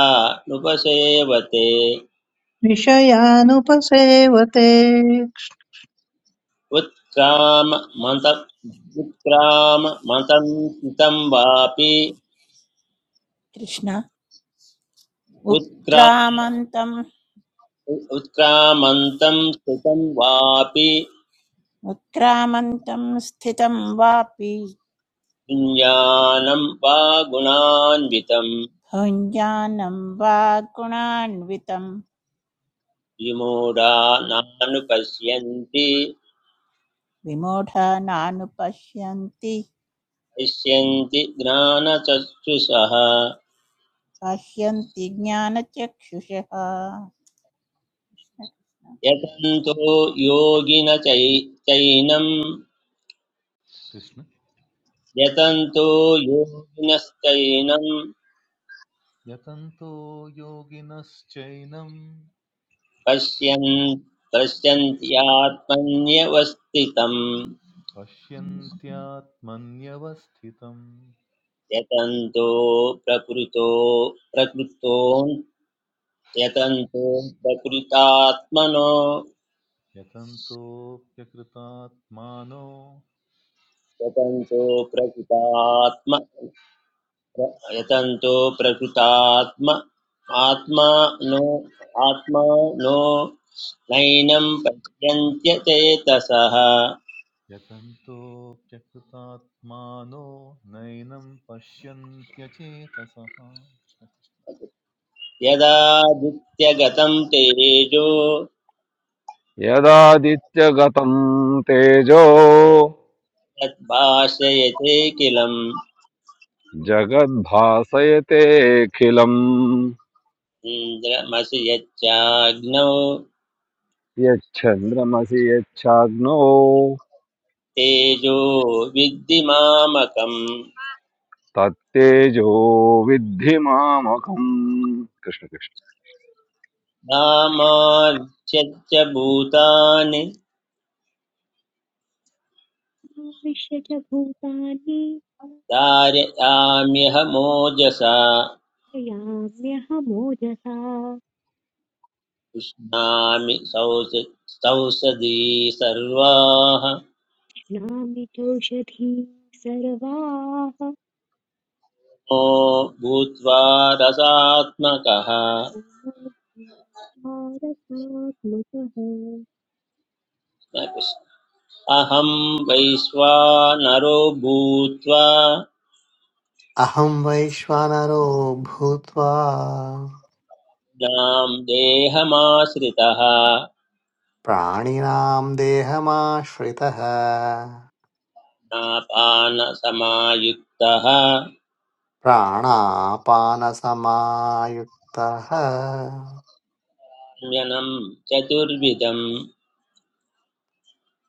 D: नुपसेवते
G: विषयानुपसेवते
D: उत्क्राम मत उत्क्राम मतन्तं वापि
H: कृष्ण
D: उत्क्रा
H: उत्क्रामन्तम्
D: उत्क्रामन्तं स्थितं वापि
H: उत्क्रामन्तं स्थितं वापि
D: पुञ्जानं वा गुणान्वितं
H: भुञ्जानं वा गुणान्वितं
D: विमूढा नानुपश्यन्ति
H: विमूढानानुपश्यन्ति
D: पश्यन्ति ज्ञानचक्षुषः
H: काश्यन्ति ज्ञानचक्षुषः
D: यतन्तो योगिन चै चैनं
I: कृष्ण
D: यतन्तो योगिनश्चैनं
I: यतन्तो योगिनश्चैनं
D: पश्यन् पश्यन्त्यात्मन्यवस्थितं
I: पश्यन्त्यात्मन्यवस्थितं
D: यतन्तो प्रकृतो प्रकृतो यतन्तो प्रकृतात्मनो
I: यतन्तोऽप्यकृतात्मानो
D: यतन्तो प्रकृतात्म प्र- यतन्तो प्रकृतात्म आत्मा नो आत्मा नो
I: यत
D: नैनं पश्यन्त्यचेतसः
I: यतन्तोऽप्यकृतात्मानो नैनं पश्यन्त्यचेतसः
D: यदा यदादित्यगतं तेजो
J: यदादित्यगतं तेजो
D: तद्भाषयते किलम्
J: जगद्भासयतेऽखिलम्
D: इन्द्रमसि यच्चाग्नौ
J: यच्छन्द्रमसि यच्छाग्नो
D: तेजो विद्धि मामकम्
J: तत्तेजो विद्धि मामकम् कृष्ण कृष्ण
D: धामाच्यच्च भूतानि
A: विश्य च भूतानि
D: धारयाम्यह मोजसा
A: याम्यहमोजसा
D: उष्णामि सौस सौषधी सर्वाः
A: श्नामि चौषधी सर्वाः
D: मो भूत्वा रसात्मकः
A: ॐ भारतात्मकः
D: अहं वैश्वानरो भूत्वा
B: अहं वैश्वानरो भूत्वा
D: नाम देहमाश्रितः
B: प्राणिनां देहमाश्रितः
D: नापानसमायुक्तः
B: प्राणापानसमायुक्तः
D: म्यनं चतुर्विधं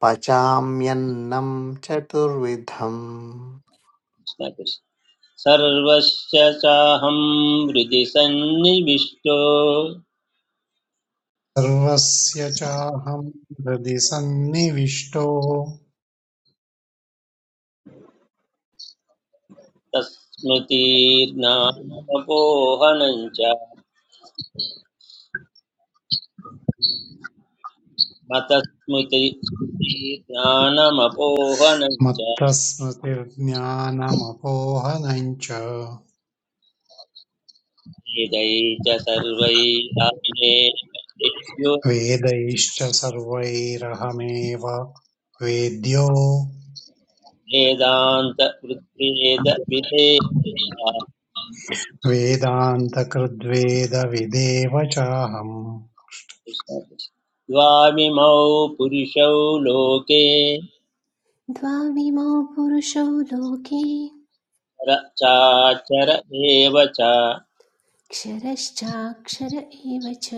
B: पचाम्यन्नं चतुर्विधम्
D: कृष्णकृष्ण। सर्वस्य चाहं हृदि सन्निविष्टो
C: सर्वस्य चाहं हृदि सन्निविष्टो
D: तस्मृतिर्ज्ञानमपोहनं च मतस्मृति स्मृतिर्ज्ञानमपोहनं च
C: मत्तस्मृतिर्ज्ञानमपोहनम् च
D: वेदै च सर्वैरात्मे वेदेषु
C: वेदैश्च सर्वैरहमेव वेद्यो
D: वेदान्तवृद्वेदविधेयाः
C: वेदान्तकृद्वेदविदेव चाहम्
D: द्वामिमौ पुरुषौ लोके
F: द्वाविमौ पुरुषो लोके
D: चर चाचर एव च
F: क्षरश्चाक्षर एव च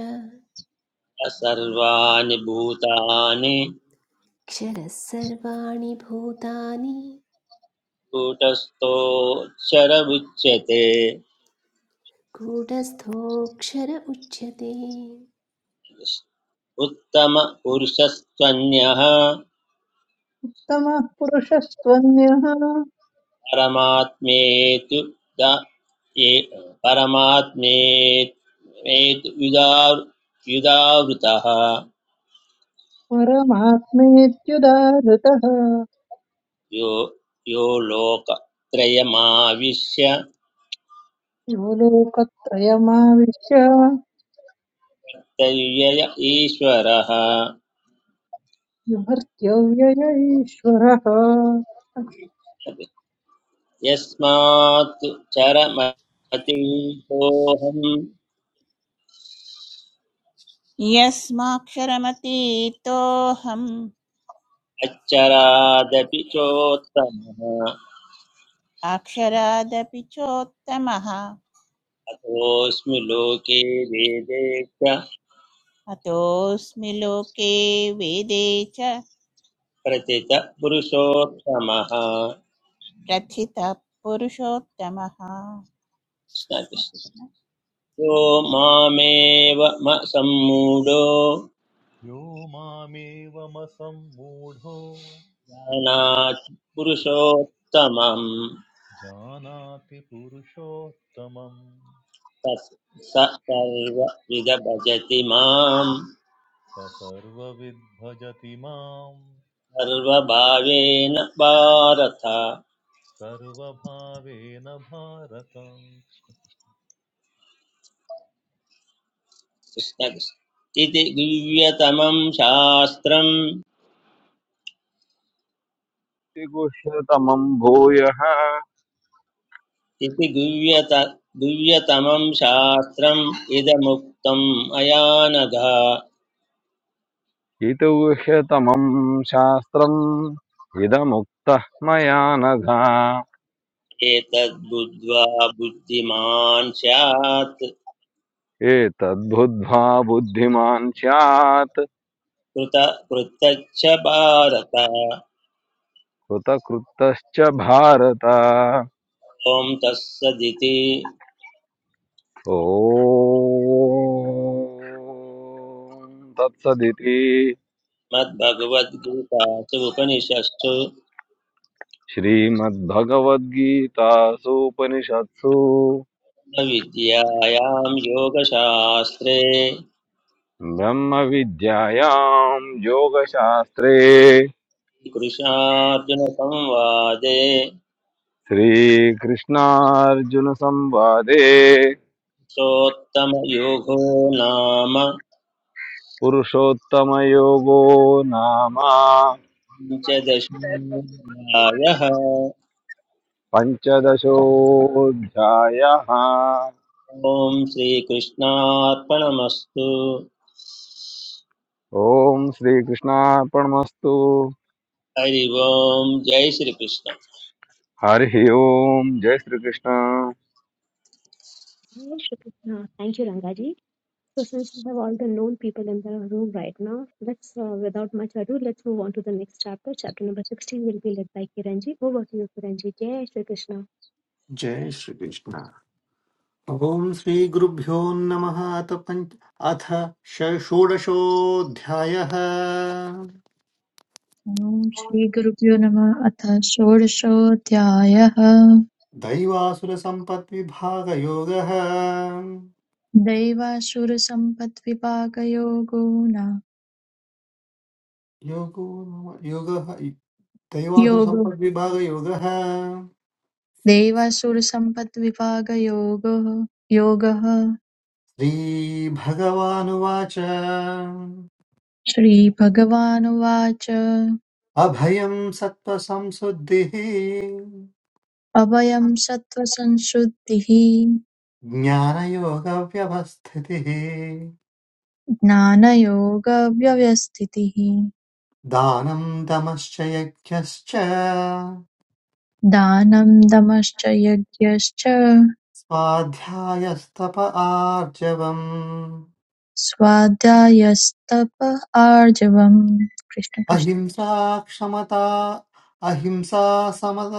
D: स सर्वाणि भूतानि
F: क्षरः सर्वाणि भूतानि
D: कूटस्थोऽक्षर उच्यते
F: गूढस्थोऽक्षर उच्यते
D: उत्तमपुरुषस्त्वन्यः
G: तमः पुरुषस्त्वन्यः
D: परमात्मेतु द ये परमात्मेतु युधा युधावृतः
G: परमात्मेत्युदाहृतः
D: यो यो लोकत्रयमाविश्य
G: यो लोकत्रयमाविश्य
D: तव्यय ईश्वरः
G: विभर्त्यव्यय ईश्वरः
D: यस्मात् चरमतिसोऽहम्
H: यस्माक्षरमतीतोऽहम्
D: अच्छरादपि चोत्तमः
H: अक्षरादपि चोत्तमः
D: अतोऽस्मि लोके वेदे च
H: अतोऽस्मि लोके वेदे च
D: प्रथितः पुरुषोत्तमः
H: प्रथितः पुरुषोत्तमः कृष्ण, कृष्ण।
D: यो मामेव म सम्मूढो
I: यो मामेवमसम्मूढो
D: जानाति पुरुषोत्तमं
I: जानाति पुरुषोत्तमं
D: तत् स सर्वविद भजति मां
I: स सर्वविद्भजति माम्
D: सर्वभावेन भारत कृष्ण
I: सर्वभावेन भारत
D: कृष्ण। इति गुह्यतमं शास्त्रम्
J: इति गुह्यतमम् भूयः
D: इति गुह्यत गुह्यतमं शास्त्रम् इदमुक्तम् अयानघ
J: इति गुह्यतमम् शास्त्रम् इदमुक्तः मया नघ
D: एतद्बुद्ध्वा बुद्धिमान् स्यात्
J: एतद्बुद्ध्वा बुद्धिमान् स्यात्
D: कृत कृत्यच्च भारत
J: कृतकृतश्च भारत
D: ॐ तत्सदिति
J: ॐ तत्सदिति
D: मद्भगवद्गीतासु उपनिषत्सु
J: श्रीमद्भगवद्गीतासूपनिषत्सु
D: विद्यायां योगशास्त्रे
J: ब्रह्मविद्यायां योगशास्त्रे
D: कृष्णार्जुनसंवादे
J: श्रीकृष्णार्जुनसंवादे
D: सोत्तमयोगो नाम
J: पुरुषोत्तमयोगो नाम
D: पञ्चदशायः
J: पञ्चदशोऽध्यायः
D: ॐ श्रीकृष्णार्पणमस्तु
J: ॐ श्रीकृष्णार्पणमस्तु
D: हरि ओम् जय श्रीकृष्ण
J: हरिः ओम् जय Shri Krishna
A: Hey, Shukri- uh, Thank you, Rangaji. So since we have all the known people in the room right now, let's, uh, without much ado, let's move on to the next chapter. Chapter number 16 will be led by Kiranji. Over to you, Kiranji. Jai Shri Krishna.
B: जय श्रीकृष्ण ॐ श्रीगुरुभ्यो नमः अथ पञ्च अथ ष- षोडशोऽध्यायः
E: ॐ श्रीगुरुभ्यो नमः अथ षोडशोऽध्यायः
B: दैवासुरसम्पद्विभागयोगः
E: दैवासुरसम्पद्विभागयोगो न
B: योगो नाम- योगः
E: योगो
B: दैवासुरसम्पद्विभागयोगः
E: दैवासुरसम्पद्विभागयोगो योगः
B: श्रीभगवानुवाच
E: श्रीभगवानुवाच
B: अभयं सत्त्वसंशुद्धिः
E: अभयं सत्त्वसंशुद्धिः
B: ज्ञानयोगव्यवस्थितिः
E: ज्ञानयोगव्यवस्थितिः
B: दानं दमश्च यज्ञश्च
E: दानं दमश्च यज्ञश्च
B: स्वाध्यायस्तप आर्जवम्
E: स्वाध्यायस्तप आर्जवम् कृष्ण कृष्ण
B: अहिंसा क्षमता अहिंसा समद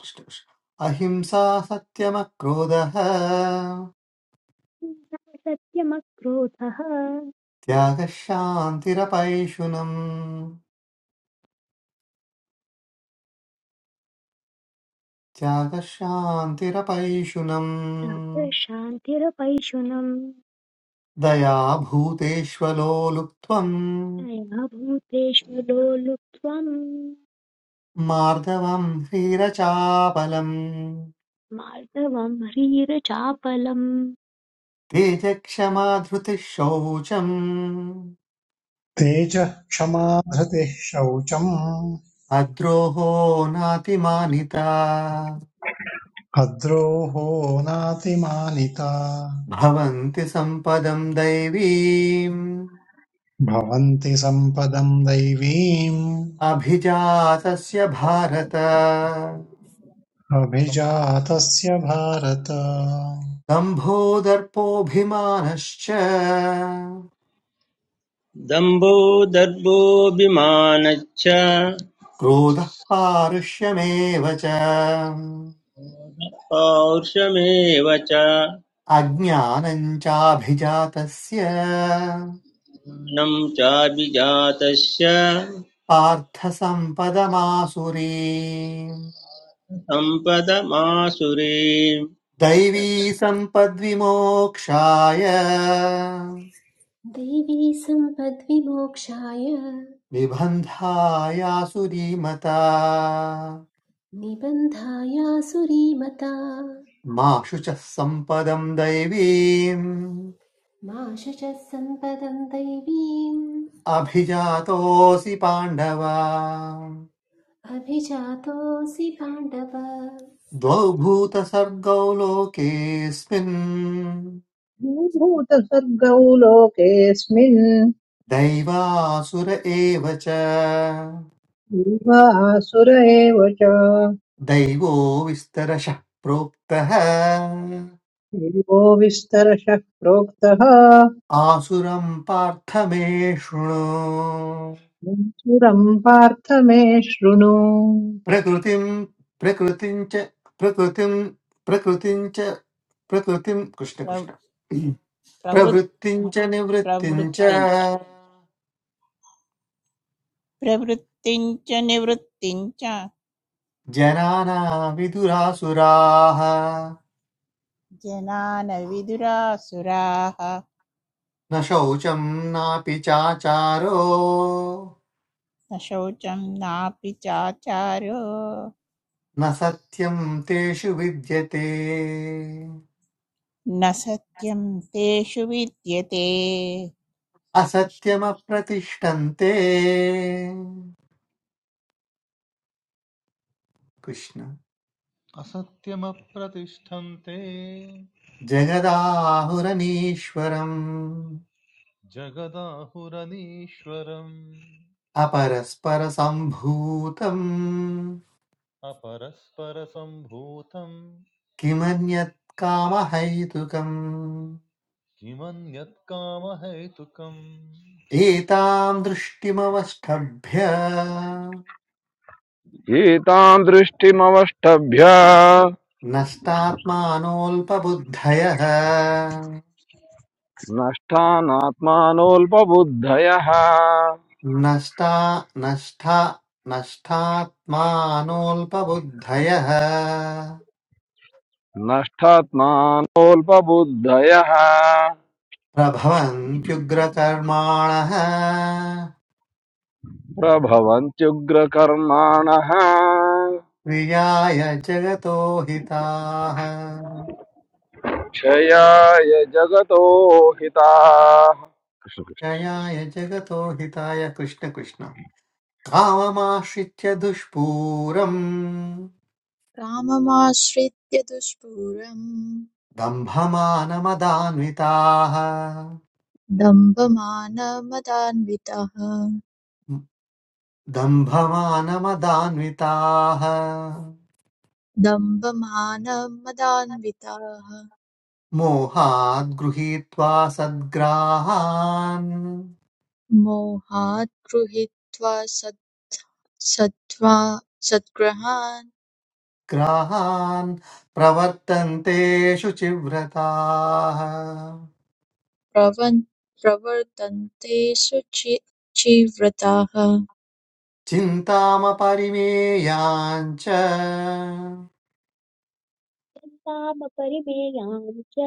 B: कृष्ण- कृष्ण। अहिंसा सत्यमक्रोधः
A: सत्यमक्रोधः
B: त्यागः शान्तिरपैशुनम् त्यागः शान्तिरपैशुनम्
A: शान्तिरपैशुनम्
B: दया भूतेष्वलो लुप्त्वम्
A: दया भूतेषु लोलुप्त्वम्
B: मार्दवम् ह्रीरचापलम्
A: मार्दवम् ह्रीरचापलम्
B: तेजक्षमा धृतिः शौचम्
C: तेजः क्षमा धृतिः शौचम्
B: अद्रोहो नातिमानिता
C: अद्रोहो नातिमानिता
B: भवन्ति सम्पदम् दैवीम्
C: भवन्ति सम्पदम् दैवीम्
B: अभिजातस्य भारत
C: अभिजातस्य भारत
B: दम्भो दर्पोऽभिमानश्च
D: दम्भो दर्भोऽभिमानच्च
B: क्रोधः पारुष्यमेव च
D: पौरुषमेव च
B: अज्ञानम् चाभिजातस्य
D: ज्ञानं चाभिजातस्य
B: पार्थसम्पदमासुरी
D: सम्पदमासुरीम्
B: दैवी सम्पद्विमोक्षाय
F: दैवी सम्पद्विमोक्षाय
B: निबन्धायासुरीमता
F: निबन्धायासुरीमता
B: मा शुचः सम्पदम् दैवीम्
F: मा शुचः सम्पदं दैवीम्
B: अभिजातोऽसि पाण्डव
F: अभिजातोऽसि पाण्डव
B: द्वौ भूतसर्गौ लोकेऽस्मिन्
G: भूतसर्गौ लोकेऽस्मिन्
B: दैवासुर एव च
G: जीवासुर एव च
B: दैवो विस्तरशः प्रोक्तः
G: देवो विस्तरशः प्रोक्तः
B: आसुरम् पार्थ मे शृणु
G: मन्सुरं पार्थ मे शृणु
B: प्रकृतिं प्रकृतिं च प्रकृतिं प्रकृतिं च प्रकृतिं
H: प्रव-
B: कृष्णकृष्ण
H: प्रवृत्
B: प्रवृत्तिं च निवृत्तिं च
H: प्रवृत्तिञ्च प्रवृत्तिञ्च निवृत्तिञ्च
B: जनाना विदुरासुराः
H: जनान विदुरासुराः
B: न शौचं नापि चाचारो
H: न शौचं नापि चाचारो
B: न सत्यं तेषु विद्यते
H: न सत्यं तेषु विद्यते कृष्ण कृष्ण।
B: असत्यमप्रतिष्ठन्ते कृष्ण
I: असत्यमप्रतिष्ठन्ते
B: जगदाहुरनीश्वरम्
I: जगदाहुरनीश्वरम्
B: अपरस्परसम्भूतम्
I: अपरस्परसम्भूतम्
B: किमन्यत् कामहैतुकम्
I: किमन्यत् कामहेतुकम्
B: एताम् दृष्टिमवष्टभ्य
J: गीतां दृष्टिमवष्टभ्य
B: नष्टात्मानोऽल्पबुद्धयः
J: नष्टानात्मानोऽल्पबुद्धयः
B: नष्टा नष्टा नष्टात्मानोऽल्पबुद्धयः
J: नष्टात्मानोऽल्पबुद्धयः
B: प्रभवन्त्युग्रकर्माणः
J: प्रभवन्त्युग्रकर्माणः
B: क्रियाय जगतो हिताः
J: क्षयाय जगतो हिताः कृष्ण कृष्ण।
B: जयाय जगतो हिताय कृष्ण कृष्ण काममाश्रित्य दुष्पूरम्
E: काममाश्रित्य दुष्पूरम्
B: दम्भमानमदान्विताः
E: दम्भमानमदान्वितः
B: दम्भमानमदान्विताः
E: दम्भमानमदान्विताः
B: मोहाद् गृहीत्वा सद्ग्राहान्
E: मोहात् गृहीत्वा सत् सत्त्वा सद्ग्रहान्
B: ग्राहान् प्रवर्तन्ते शुचिव्रताः
E: प्रवन् प्रवर्तन्ते सुचि चिव्रताः
B: चिन्तामपरिमेयाञ्च
A: तामपरिमेयान् च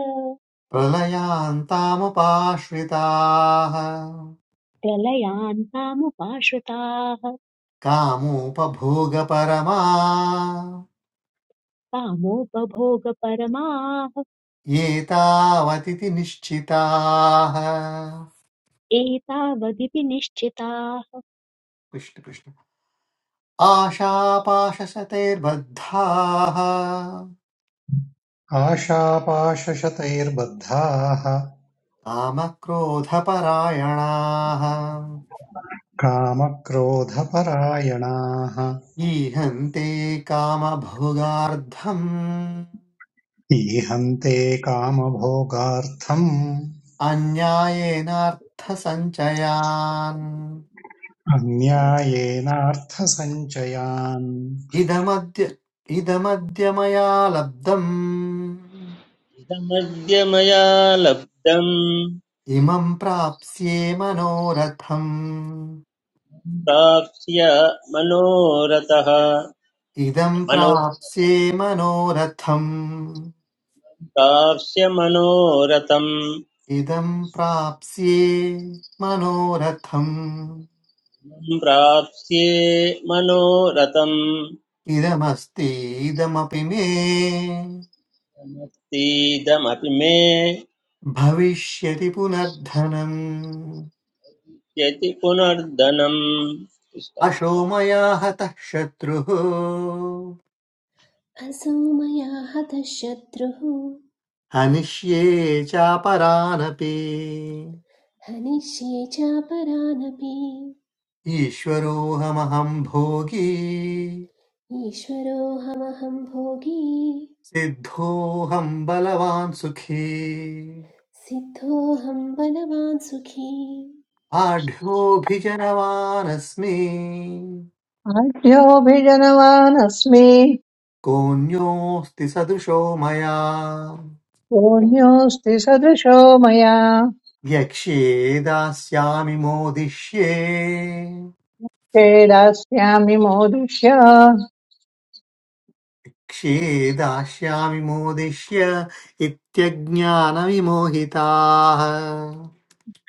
B: प्रलयान्तामुपाश्रिताः
A: प्रलयान् तामुपाश्रिताः
B: कामोपभोगपरमा
A: कामोपभोगपरमाः
B: ये तावतिति निश्चिताः
A: एतावदिति निश्चिताः
B: कृष्ण कृष्ण आशापाशसतैर्बद्धाः
C: आशापाशशतैर्बद्धाः
B: कामक्रोधपरायणाः
C: कामक्रोधपरायणाः
B: ईहन्ते कामभोगार्थम्
C: ईहन्ते कामभोगार्थम्
B: अन्यायेनार्थसञ्चयान्
C: अन्यायेनार्थसञ्चयान्
B: इदमद्य इदमद्य मया लब्धम्
D: इदमद्य मया लब्धम्
B: इमं प्राप्स्ये मनोरथम्
D: प्राप्स्य मनोरथः
B: इदं
D: मनो
B: प्राप्स्ये मनोरथम्
D: प्राप्स्य मनोरथम्
B: इदं प्राप्स्ये मनोरथम्
D: प्राप्स्ये मनोरथम्
B: इदमस्ति इदमपि मे
D: मत्सीदमपि मे
B: भविष्यति पुनर्धनम्
D: यति पुनर्धनम्
B: अशो मया हतः शत्रुः
F: असौ मया हतः शत्रुः
B: हनिष्ये चापरानपि
F: हनिष्ये चापरानपि
B: ईश्वरोऽहमहं भोगी
F: ईश्वरोऽहमहं भोगी
B: सिद्धोऽहं बलवान् सुखी
F: सिद्धोऽहं बलवान् सुखी
B: आढ्योऽभिजनवानस्मि
G: आढ्योऽभिजनवानस्मि
B: कोऽन्योऽस्ति सदृशो मया
G: पुण्योऽस्ति सदृशो मया
B: यक्ष्ये दास्यामि मोदिष्ये
G: क्षेदास्यामि मोदिष्य
B: यक्ष्ये दास्यामि मोदिष्य इत्यज्ञानविमोहिताः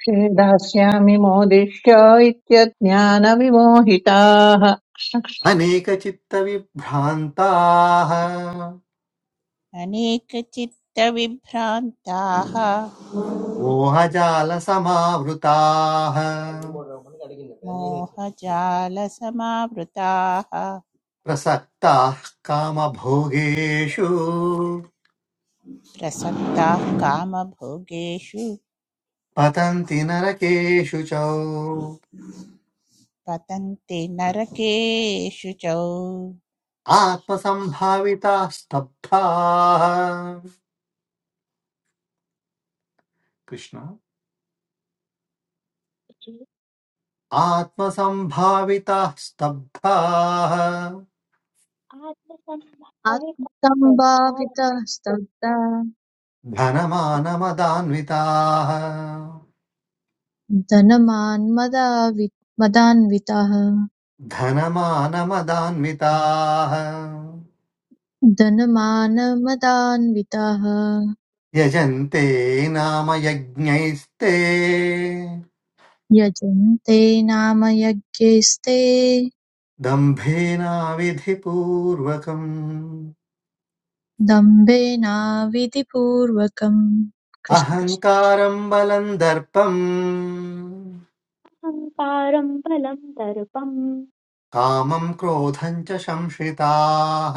G: क्षेदास्यामि मोदिष्य इत्यज्ञानविमोहिताः आसुरीम्
B: अनेकचित्तविभ्रान्ताः
H: अनेकचित्तविभ्रान्ताः
B: मोहजालसमावृताः
H: मोहजालसमावृताः
B: प्रसक्ताः कामभोगेषु
H: प्रसक्ताः कामभोगेषु
B: पतन्ति नरकेषु च
H: पतन्ते नरकेषु च कृष्ण।
B: आत्मसम्भाविताः स्तब्धाः कृष्ण आत्मसम्भाविताः स्तब्धाः
E: आत्मसम्भावितः
A: आत्मसम्भावितश्रद्धाहङ्कारं
E: स्तब्धा
B: धनमानमदान्विताः
E: धनमान् मदावि मदान्विताः
B: धनमानमदान्विताः
E: धनमानमदान्विताः
B: यजन्ते नाम यज्ञैस्ते
E: यजन्ते नाम यज्ञैस्ते
B: दम्भेनाविधिपूर्वकम्
E: दम्भेनाविधिपूर्वकम् कृष्ण कृष्ण
B: अहङ्कारम् बलम् दर्पम्
A: बलं दर्पं
B: कामम् क्रोधम् च संश्रिताः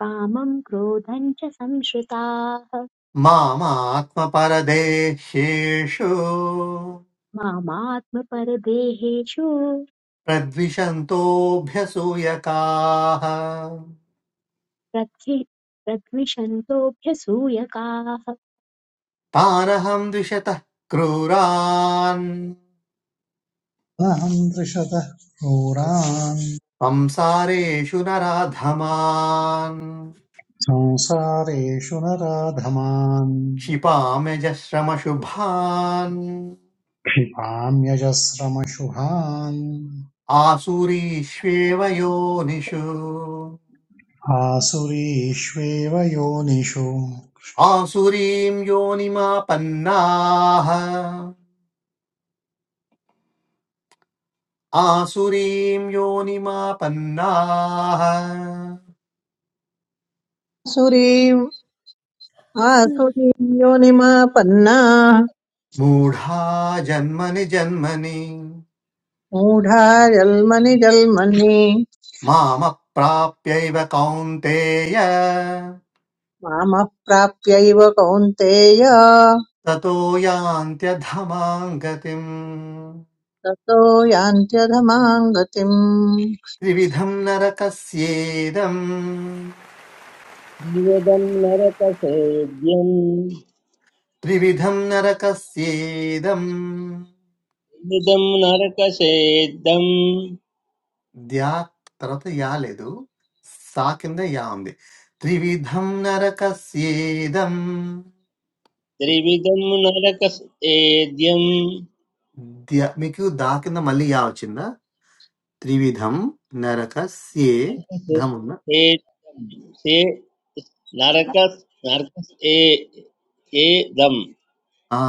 A: कामं क्रोधं च संश्रिताः
B: मामात्मपरदेह्येषु
A: मामात्मपरदेहेषु
B: प्रद्विषन्तोऽभ्यसूयकाः
A: प्रथि प्रद्विषन्तोऽभ्यसूयकाः हे
B: तानहम् द्विषतः क्रूरान्
C: अहम् दृशतः क्रूरान्
B: संसारेषु नराधमान्
C: संसारेषु नराधमान्
B: क्षिपाम्यजश्रमशुभान्
C: क्षिपाम्यजस्रमशुभान्
B: आसुरीष्वेव योनिषु
C: आसुरीष्वेव योनिषु
B: आसुरीं योनिमापन्नाः आसुरीं योनिमापन्नाः
F: अस्म
G: आसुरीयोनिमापन्ना
B: मूढा जन्मनि जन्मनि
G: मूढा जल्मनि जल्मनि
B: मामप्राप्यैव कौन्तेय
G: मामः प्राप्यैव कौन्तेय
B: ततो यान्त्यधमां गतिम्
G: ततो यान्त्यधमाङ्गतिम्
B: त्रिविधं नरकस्येदम्
D: द्विविधं नरकसेद्यं
B: त्रिविधं नरकस्येदम्
D: द्विविधं नरकसेद्यं
B: ధ్యా తర్వాత యా లేదు సా కింద యా ఉంది త్రివిధం నరకస్యేదం
D: त्रिविधं नरकसेद्यं
B: ధ్య మీకు దా కింద మళ్ళీ యా వచ్చిందా త్రివిధం
D: से
B: నరకస్యేధం ఉన్న
D: से नरक नरक ए एदं
B: ఆ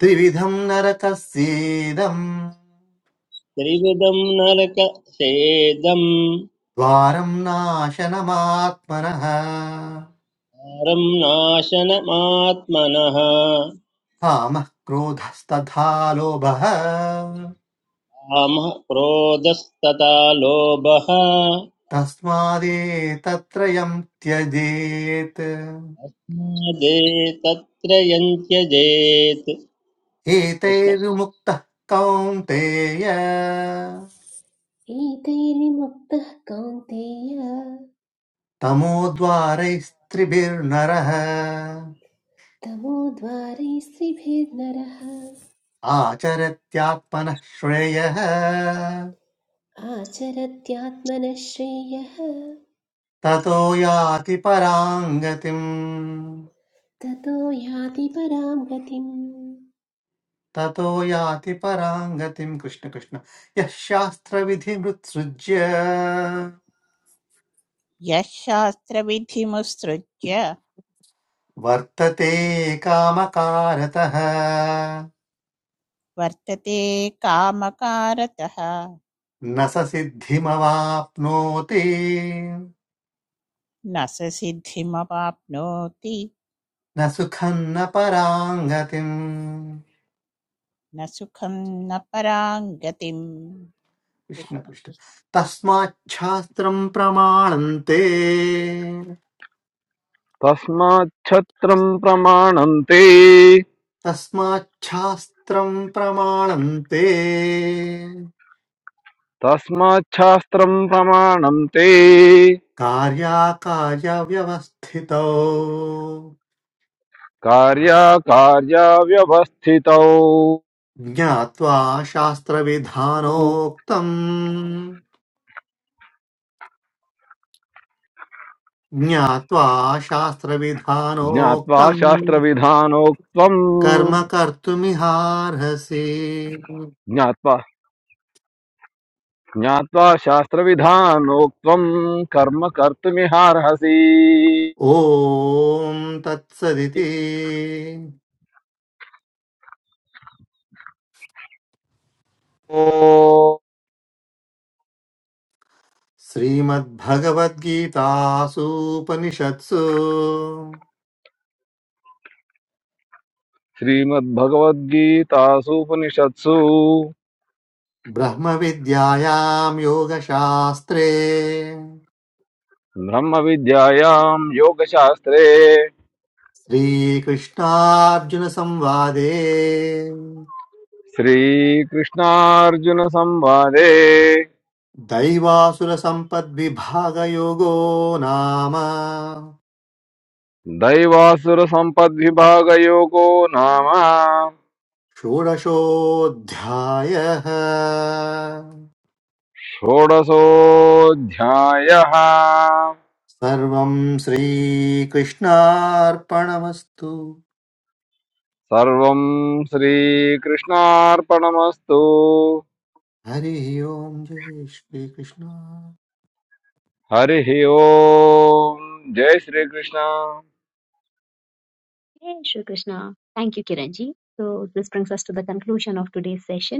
B: త్రివిధం నరకస్యేదం
D: त्रिविधं नरकसेदं
B: ద్వారం నాశనమాత్మన
D: नरं नाशनमात्मनः
B: కామ క్రోధస్తథా లోభ
D: कामः क्रोधस्तथा लोभः
B: తస్మాదే తత్రయం త్యజేత్
D: मादे तत्र यञ्त्यजेत्
B: एतैर्विमुक्तः कौन्तेय
F: एतैर्विमुक्तः कौन्तेय
B: तमोद्वारैस्त्रिभिर्नरः
F: तमोद्वारैः स्त्रिभिर्नरः
B: आचरत्यात्मनः श्रेयः
F: आचरत्यात्मनः श्रेयः
B: ततो याति पराम् गतिम्
F: ततो याति परां गतिम्
B: ततो याति पराम् गतिम् कृष्ण कृष्ण यः शास्त्रविधिमुत्सृज्य
H: यः शास्त्रविधिमुत्सृज्य
B: वर्तते कामकारतः
H: वर्तते कामकारतः
B: न स सिद्धिमवाप्नोति
H: न स सिद्धिमवाप्नोति
B: न सुखं न पराङ्गतिम्
H: न सुखम न परां गतिम
B: कृष्ण
H: कृष्ण
B: कृष्ण
H: कृष्ण
B: तस्माच्छास्त्रम् प्रमाणन्ते
J: तस्माच्छत्रम् प्रमाणन्ते
B: तस्माच्छास्त्रम् प्रमाणन्ते
J: तस्माच्छास्त्रम् प्रमाणन्ते
B: कार्याकार्यव्यवस्थितौ
J: कार्याकार्याव्यवस्थितौ
B: ज्ञात्वा शास्त्रविधानोक्तम् ज्ञात्वा
J: ज्ञात्वा
B: शास्त्रविधानोक्तम्
J: शास्त्रविधानोक्त्वम्
B: कर्म कर्तुमिहार्हसि
J: ज्ञात्वा జ్ఞాత్వా శాస్త్రవిధానోక్తం కర్మ కర్తుమిహార్హసి
B: ॐ तत्सदिति
J: ఓ
B: श्रीमद्भगवद्गीतासूपनिषत्सु
J: శ్రీమద్భగవద్గీతాసూపనిషత్సు
B: ब्रह्मविद्यायां योगशास्त्रे
J: బ్రహ్మ విద్యాయాం యోగశాస్త్రే
B: श्रीकृष्णार्जुनसंवादे
J: శ్రీకృష్ణార్జున సంవాదే
B: दैवासुरसम्पद्विभागयोगो नाम
J: దైవాసుర సంపద్విభాగయోగో నామ
B: षोडशोऽध्यायः
J: షోడశోऽధ్యాయः
B: सर्वं श्रीकृष्णार्पणमस्तु
J: సర్వం శ్రీకృష్ణార్పణమస్తు
B: हरिः ओम् जय श्रीकृष्ण
J: हरि ओम जय Shri Krishna
A: Shri Krishna Thank you Kiranji. So this brings us to the conclusion of today's session.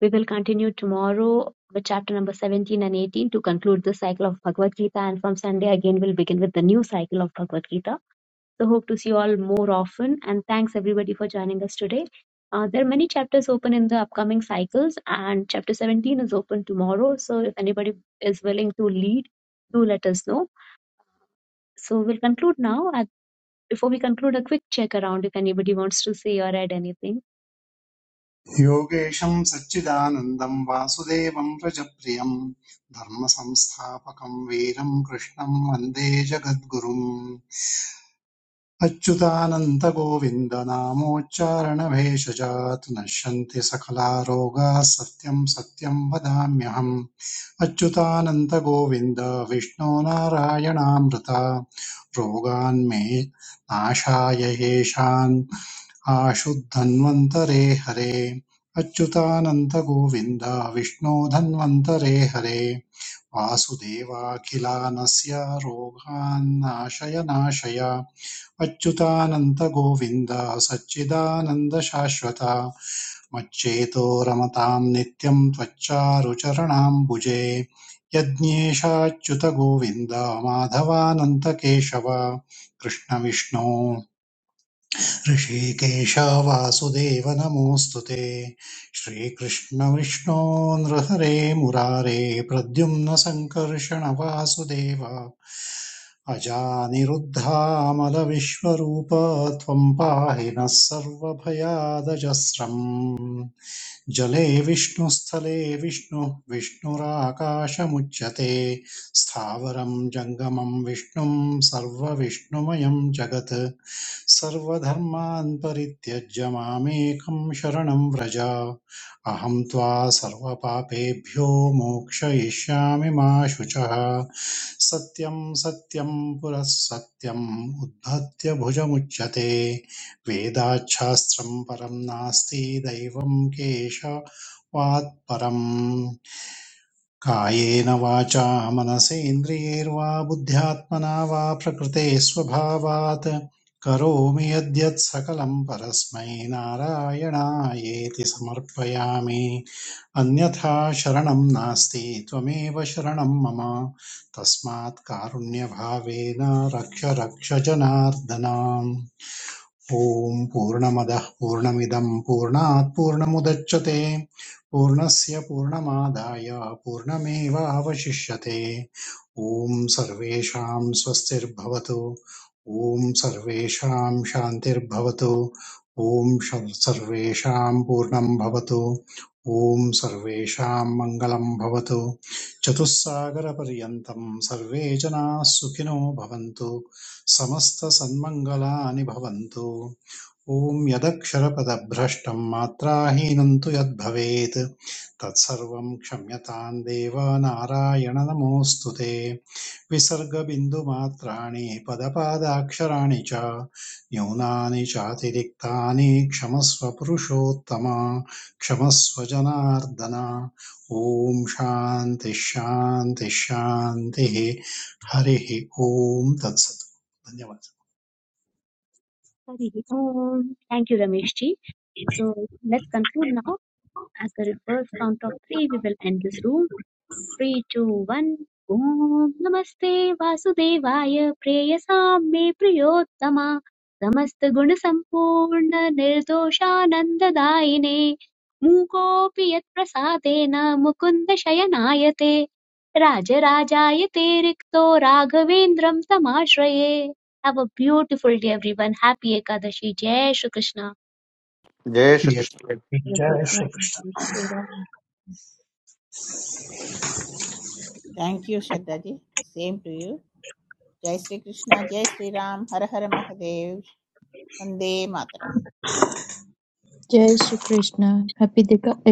A: We will continue tomorrow with chapter number 17 and 18 to conclude the cycle of Bhagavad Gita. And from Sunday, again, we'll begin with the new cycle of Bhagavad Gita. So, hope to see you all more often. And thanks everybody for joining us today. Uh, there are many chapters open in the upcoming cycles, and chapter 17 is open tomorrow. So, if anybody is willing to lead, do let us know. So, we'll conclude now. At, before we conclude, a quick check around if anybody wants to say or add anything.
C: योगेशं सच्चिदानन्दं वासुदेवं रजप्रियं धर्मसंस्थापकं वीरं कृष्णं वन्दे जगद्गुरुम् अच्युतानन्तगोविन्दनामोच्चारणभेषजात् नश्यन्ति सकला रोगाः सत्यं सत्यं वदाम्यहम् अच्युतानन्तगोविन्द विष्णो नारायणामृता रोगान्मे नाशाय येषान् आशुद्धन्वन्तरे हरे अच्युतानन्दगोविन्द विष्णो धन्वन्तरे हरे वासुदेवाखिलानस्य रोगान्नाशय नाशय अच्युतानन्दगोविन्द सच्चिदानन्दशाश्वत मच्चेतो रमतां नित्यं त्वच्चारुचरणाम्बुजे यज्ञेशाच्युतगोविन्द माधवानन्दकेशव कृष्णविष्णो ऋषिकेश वासुदेव नमोऽस्तु श्रीकृष्ण श्रीकृष्णविष्णो नृहरे मुरारे प्रद्युम्न सङ्कर्षण वासुदेव अजानिरुद्धामलविश्वरूप त्वम् पाहि नः सर्वभयादजस्रम् जले विष्णुस्थले विष्णुः विष्णुराकाशमुच्यते स्थावरं जङ्गमं विष्णुं सर्वविष्णुमयं जगत् सर्वधर्मान् परित्यज्य मामेकं शरणं व्रज अहं त्वा सर्वपापेभ्यो मोक्षयिष्यामि मा शुचः सत्यं सत्यं पुरः सत्यम् उद्धत्य भुजमुच्यते वेदाच्छास्त्रं परं नास्ति दैवं केशवात् परम् कायेन वाचा मनसेन्द्रियैर्वा बुद्ध्यात्मना वा प्रकृते स्वभावात् करोमि यद्यत् सकलं परस्मै नारायणायेति समर्पयामि अन्यथा शरणं नास्ति त्वमेव शरणं मम तस्मात् कारुण्यभावेन रक्ष रक्ष जनार्दनाम् ॐ पूर्णमदः पूर्णमिदं पूर्णात् पूर्णमुदच्यते पूर्णस्य पूर्णमादाय पूर्णमेवावशिष्यते ॐ सर्वेषां स्वस्तिर्भवतु ॐ सर्वेषां शान्तिर्भवतु ॐ शं- सर्वेषां पूर्णं भवतु ॐ सर्वेषां मङ्गलं भवतु चतुस्सागरपर्यन्तं सर्वे जनाः सुखिनो भवन्तु समस्तसन्मङ्गलानि भवन्तु ॐ यदक्षरपदभ्रष्टं मात्राहीनं तु यद्भवेत् तत्सर्वं क्षम्यतां देव नारायण नमोऽस्तु ते विसर्गबिन्दुमात्राणि पदपादाक्षराणि च न्यूनानि चातिरिक्तानि क्षमस्व पुरुषोत्तम क्षमस्व जनार्दन ॐ शान्तिः शान्तिः शान्तिः हरिः ॐ तत्सत् धन्यवादः
A: Hari Om. Thank you, Ramesh ji. So let's conclude now. At the reverse count of three, we will end this room. Three, two, one. Om Namaste, ॐ नमस्ते वासुदेवाय प्रेयसां मे प्रियोत्तमा समस्तगुणसम्पूर्ण निर्दोषानन्ददायिने मूकोऽपि यत्प्रसादेन Mukunda Raja, Rajayate, Rikto, Raghavendram, तमाश्रये Have a beautiful day, everyone. Happy Ekadashi. Jai Shri Krishna.
B: जय श्रीकृष्ण
C: जय Shrikrishna
H: thank you Shraddha ji same to you जय श्री कृष्णा जय श्री राम हर हर महादेव वंदे मातरम
E: जय Shri Krishna happy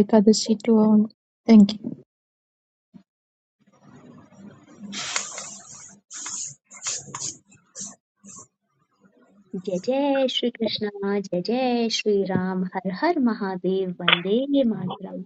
E: Ekadashi to all thank you
A: जय जय श्री कृष्ण जय जय श्री राम हर हर महादेव वंदे मातरम